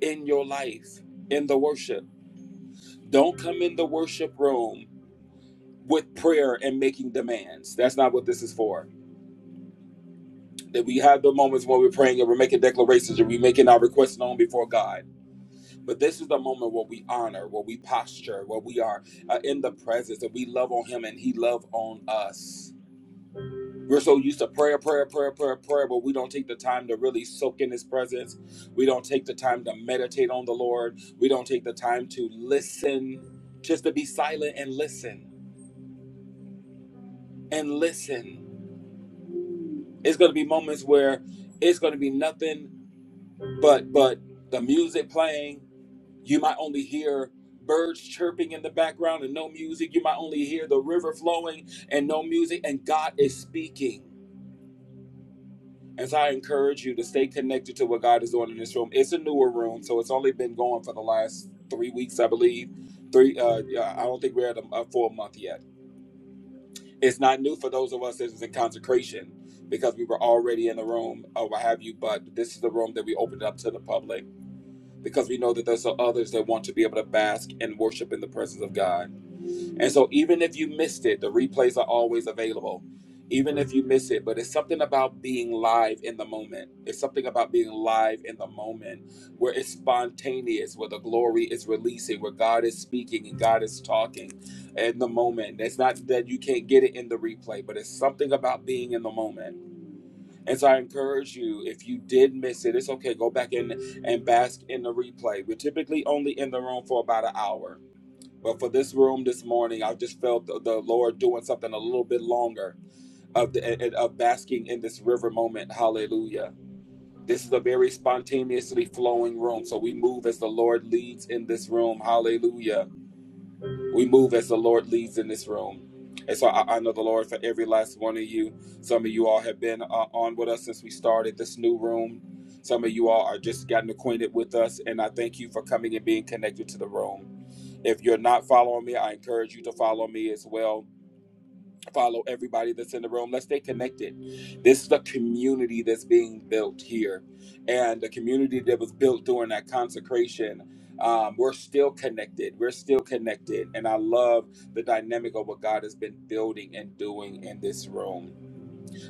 S1: in your life, in the worship. Don't come in the worship room with prayer and making demands. That's not what this is for. That we have the moments when we're praying and we're making declarations and we're making our requests known before God. But this is the moment where we honor, where we posture, where we are uh, in the presence and we love on him and he love on us. We're so used to prayer, prayer, prayer, prayer, prayer, but we don't take the time to really soak in his presence. We don't take the time to meditate on the Lord. We don't take the time to listen, just to be silent and listen and listen. It's going to be moments where it's going to be nothing but but the music playing You might only hear birds chirping in the background and no music. You might only hear the river flowing and no music. And God is speaking. As I encourage you to stay connected to what God is doing in this room, it's a newer room, so it's only been going for the last three weeks, I believe. Three, uh, yeah, I don't think we're at a, a full month yet. It's not new for those of us that is in consecration because we were already in the room or what have you, but this is the room that we opened up to the public because we know that there's others that want to be able to bask and worship in the presence of God. And so, even if you missed it, the replays are always available. Even if you miss it, but it's something about being live in the moment. It's something about being live in the moment where it's spontaneous, where the glory is releasing, where God is speaking and God is talking in the moment. It's not that you can't get it in the replay, but it's something about being in the moment. And so I encourage you, if you did miss it, it's okay. Go back in and bask in the replay. We're typically only in the room for about an hour. But for this room this morning, I just felt the, the Lord doing something a little bit longer of the and- and of basking in this river moment. Hallelujah. This is a very spontaneously flowing room. So we move as the Lord leads in this room. Hallelujah. We move as the Lord leads in this room. And so I, I know the Lord for every last one of you. Some of you all have been uh, on with us since we started this new room. Some of you all are just gotten acquainted with us. And I thank you for coming and being connected to the room. If you're not following me, I encourage you to follow me as well follow everybody that's in the room. Let's stay connected. This is the community that's being built here, and the community that was built during that consecration. Um, we're still connected. We're still connected, and I love the dynamic of what God has been building and doing in this room.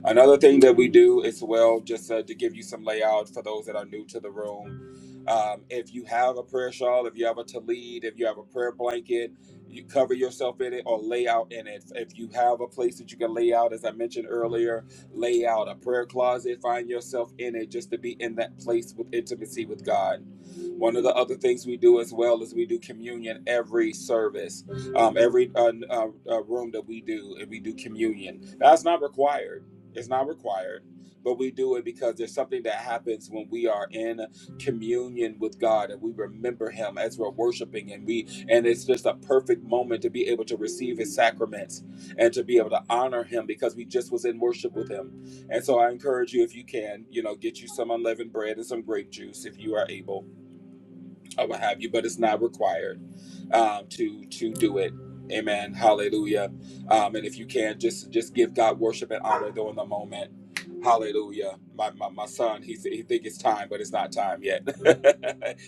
S1: Another thing that we do as well, just uh, to give you some layout for those that are new to the room, um, if you have a prayer shawl, if you have a talid, if you have a prayer blanket, you cover yourself in it or lay out in it. If you have a place that you can lay out, as I mentioned earlier, lay out a prayer closet, find yourself in it just to be in that place with intimacy with God. One of the other things we do as well is we do communion every service um, every uh, uh, uh, room that we do, and we do communion. That's not required. It's not required, but we do it because there's something that happens when we are in communion with God and we remember Him as we're worshiping, and we and it's just a perfect moment to be able to receive His sacraments and to be able to honor Him because we just was in worship with Him. And so I encourage you, if you can, you know, get you some unleavened bread and some grape juice if you are able or what have you, but it's not required um, to to do it. Amen. Hallelujah. Um, and if you can, just just give God worship and honor during the moment. Hallelujah. My, my, my son, he he think it's time, but it's not time yet.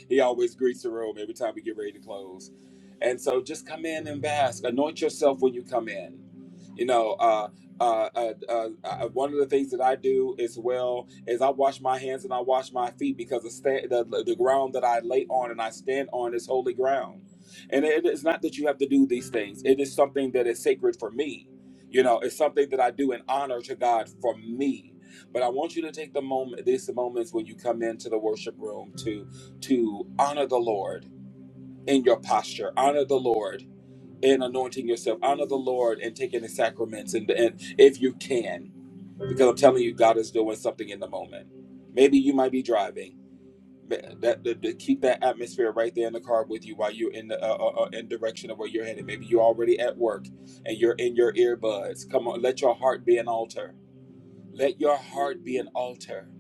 S1: he always greets the room every time we get ready to close. And so just come in and bask. Anoint yourself when you come in. You know, uh, uh, uh, uh, uh, one of the things that I do as well is I wash my hands and I wash my feet because the, sta- the the ground that I lay on and I stand on is holy ground. And it is not that you have to do these things; it is something that is sacred for me. You know, it's something that I do in honor to God for me. But I want you to take the moment, these moments when you come into the worship room to to honor the Lord in your posture, honor the Lord in anointing yourself. Honor the Lord and taking the sacraments, and, and if you can, because I'm telling you, God is doing something in the moment. Maybe you might be driving. That, that- that- keep that atmosphere right there in the car with you while you're in the uh, uh, uh, in direction of where you're headed. Maybe you're already at work and you're in your earbuds. Come on, let your heart be an altar. Let your heart be an altar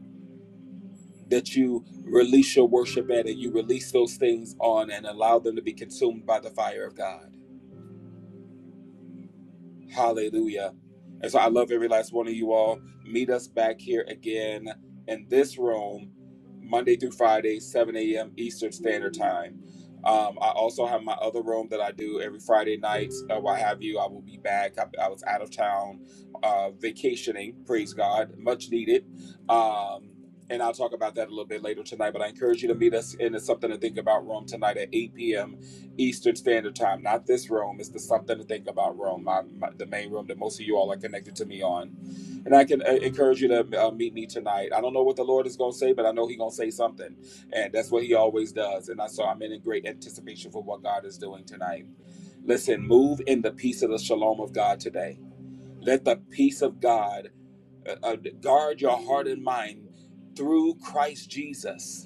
S1: that you release your worship at, and you release those things on and allow them to be consumed by the fire of God. Hallelujah. And so I love every last one of you all. Meet us back here again in this room, Monday through Friday, 7 a.m. Eastern Standard Time. Um, I also have my other room that I do every Friday night. Uh, why have you? I will be back. I, I was out of town uh, vacationing, praise God, much needed. Um, and I'll talk about that a little bit later tonight. But I encourage you to meet us in the Something to Think About room tonight at 8 p.m. Eastern Standard Time, not this room. It's the something to think about room, my, my, the main room that most of you all are connected to me on. And I can uh, encourage you to uh, meet me tonight. I don't know what the Lord is going to say, but I know He's going to say something, and that's what He always does. And I so I'm in a great anticipation for what God is doing tonight. Listen, move in the peace of the shalom of God today. Let the peace of God uh, uh, guard your heart and mind through Christ Jesus.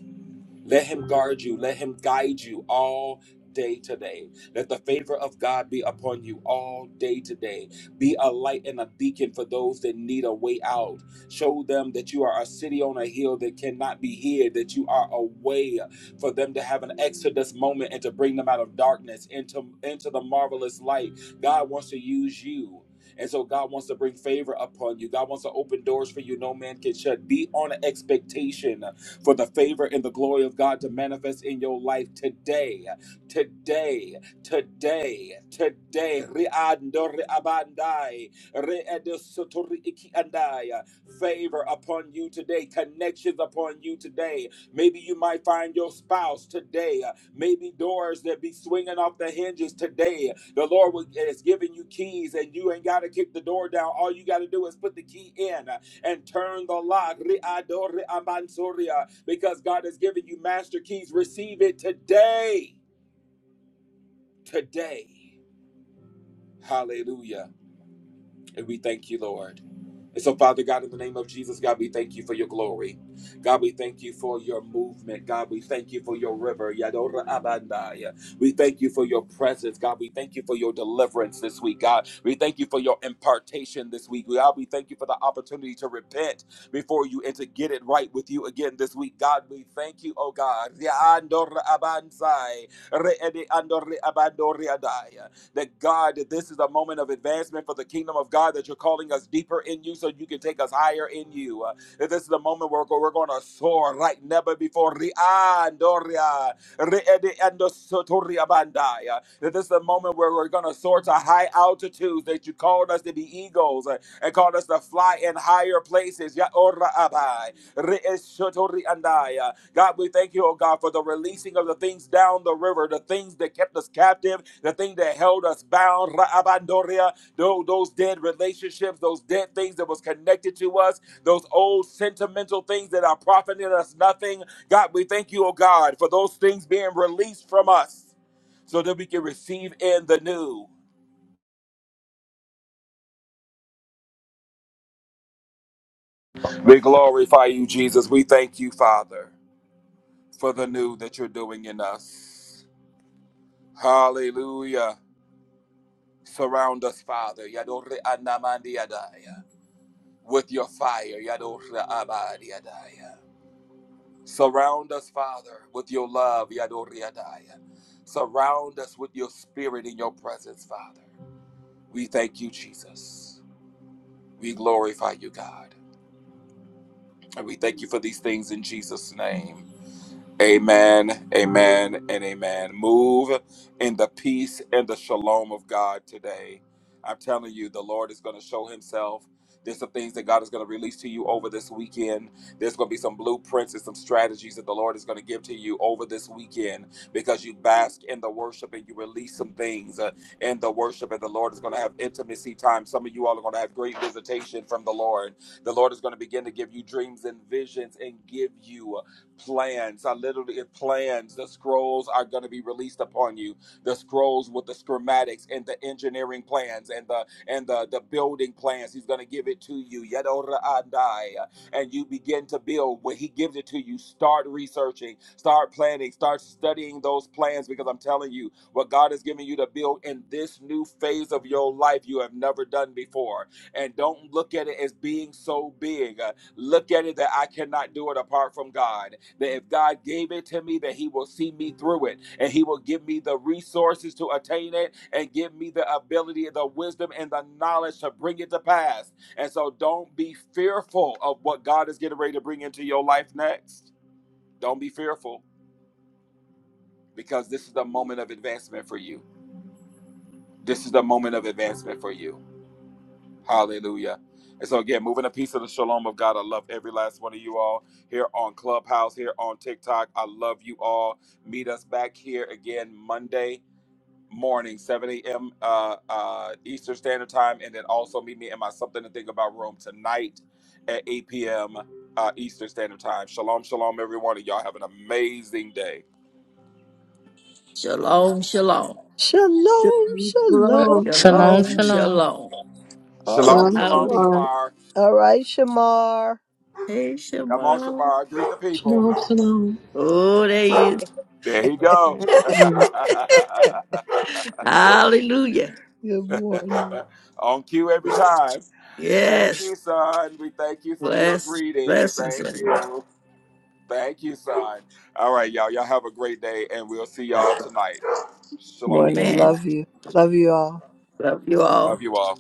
S1: Let him guard you. Let him guide you all day today. Let the favor of God be upon you all day today. Be a light and a beacon for those that need a way out. Show them that you are a city on a hill that cannot be hid, that you are a way for them to have an exodus moment and to bring them out of darkness into, into the marvelous light. God wants to use you. And so God wants to bring favor upon you. God wants to open doors for you no man can shut. Be on expectation for the favor and the glory of God to manifest in your life today. Today, today, today. Riando riabandai, reedesotori ikiandai. Favor upon you today, connections upon you today. Maybe you might find your spouse today. Maybe doors that be swinging off the hinges today. The Lord will- is giving you keys, and you ain't got to kick the door down. All you got to do is put the key in and turn the lock. Riado riamansoria because God has given you master keys. Receive it today. Today. Hallelujah. And we thank you, Lord. And so, Father God, in the name of Jesus, God, we thank you for your glory. God, we thank you for your movement. God, we thank you for your river. Yadora Abandaya. We thank you for your presence. God, we thank you for your deliverance this week. God, we thank you for your impartation this week. God, we thank you for the opportunity to repent before you and to get it right with you again this week. God, we thank you, oh God. Yadora Abanzai. Re- Ede Andore Abandore Adaya that God, this is a moment of advancement for the kingdom of God, that you're calling us deeper in you so you can take us higher in you. Uh, that this is a moment where we're going to soar like never before. Riandoria, riediandosotoriabandaya. That this is a moment where we're going to soar to high altitudes, that you called us to be eagles uh, and called us to fly in higher places. Ya ora abai. Re-eshotoriandaya. God, we thank you, oh God, for the releasing of the things down the river, the things that kept us captive, the thing that held us bound, Ra-abandoria. Tho- those dead relationships, those dead things that was connected to us, those old sentimental things that are profiting us nothing. God, we thank you, oh God, for those things being released from us so that we can receive in the new. We glorify you, Jesus. We thank you, Father, for the new that you're doing in us. Hallelujah. Surround us, Father. Yadore anamandiadaya. With your fire. Yadore abadiadaya. Surround us, Father, with your love. Yadore adaya. Surround us with your spirit in your presence, Father. We thank you, Jesus. We glorify you, God. And we thank you for these things in Jesus' name. Amen, amen, and amen. Move in the peace and the shalom of God today. I'm telling you, the Lord is going to show Himself. There's some things that God is going to release to you over this weekend. There's going to be some blueprints and some strategies that the Lord is going to give to you over this weekend because you bask in the worship and you release some things uh, in the worship, and the Lord is going to have intimacy time. Some of you all are going to have great visitation from the Lord. The Lord is going to begin to give you dreams and visions and give you plans. I literally it plans. The scrolls are going to be released upon you. The scrolls with the schematics and the engineering plans and the and the the building plans. He's going to give it to you. Yadora andai. And you begin to build. When he gives it to you, start researching, start planning, start studying those plans because I'm telling you, what God is giving you to build in this new phase of your life you have never done before. And don't look at it as being so big. Uh, Look at it that I cannot do it apart from God that if God gave it to me, that He will see me through it and He will give me the resources to attain it and give me the ability, the wisdom, and the knowledge to bring it to pass. And so don't be fearful of what God is getting ready to bring into your life next. Don't be fearful because this is the moment of advancement for you. This is the moment of advancement for you. Hallelujah. And so again, moving a piece of the shalom of God. I love every last one of you all here on Clubhouse, here on TikTok. I love you all. Meet us back here again Monday morning, 7 a.m. Uh, uh, Eastern Standard Time. And then also meet me in my Something to Think About room tonight at 8 p.m. Uh, Eastern Standard Time. Shalom, shalom, everyone. And y'all have an amazing day.
S6: Shalom, shalom.
S4: Yes,
S3: Shalom,
S4: flow.
S3: shalom.
S5: Shalom,
S6: Shalom,
S5: shalom.
S6: shalom.
S3: All
S1: Shalom,
S3: right.
S4: Shalom,
S1: shalom,
S6: Hallelujah.
S4: Shalom.
S1: Shamar.
S3: All right, Shamar.
S6: Hey,
S1: Come on,
S6: shalom.
S1: Shamar. Greet the people.
S6: Oh, there you
S1: There you go.
S6: Hallelujah.
S3: Good morning.
S1: On cue every time. Thank you,
S6: Yes.
S1: son. We thank you for your
S6: Bless.
S1: greetings.
S6: Blessings.
S1: Thank you. Thank you, son. All right, y'all. Y'all have a great day, and we'll see y'all tonight. Shalom.
S3: Morning.
S6: Amen.
S3: Love you. Love you all.
S6: Love you all.
S1: Love you all.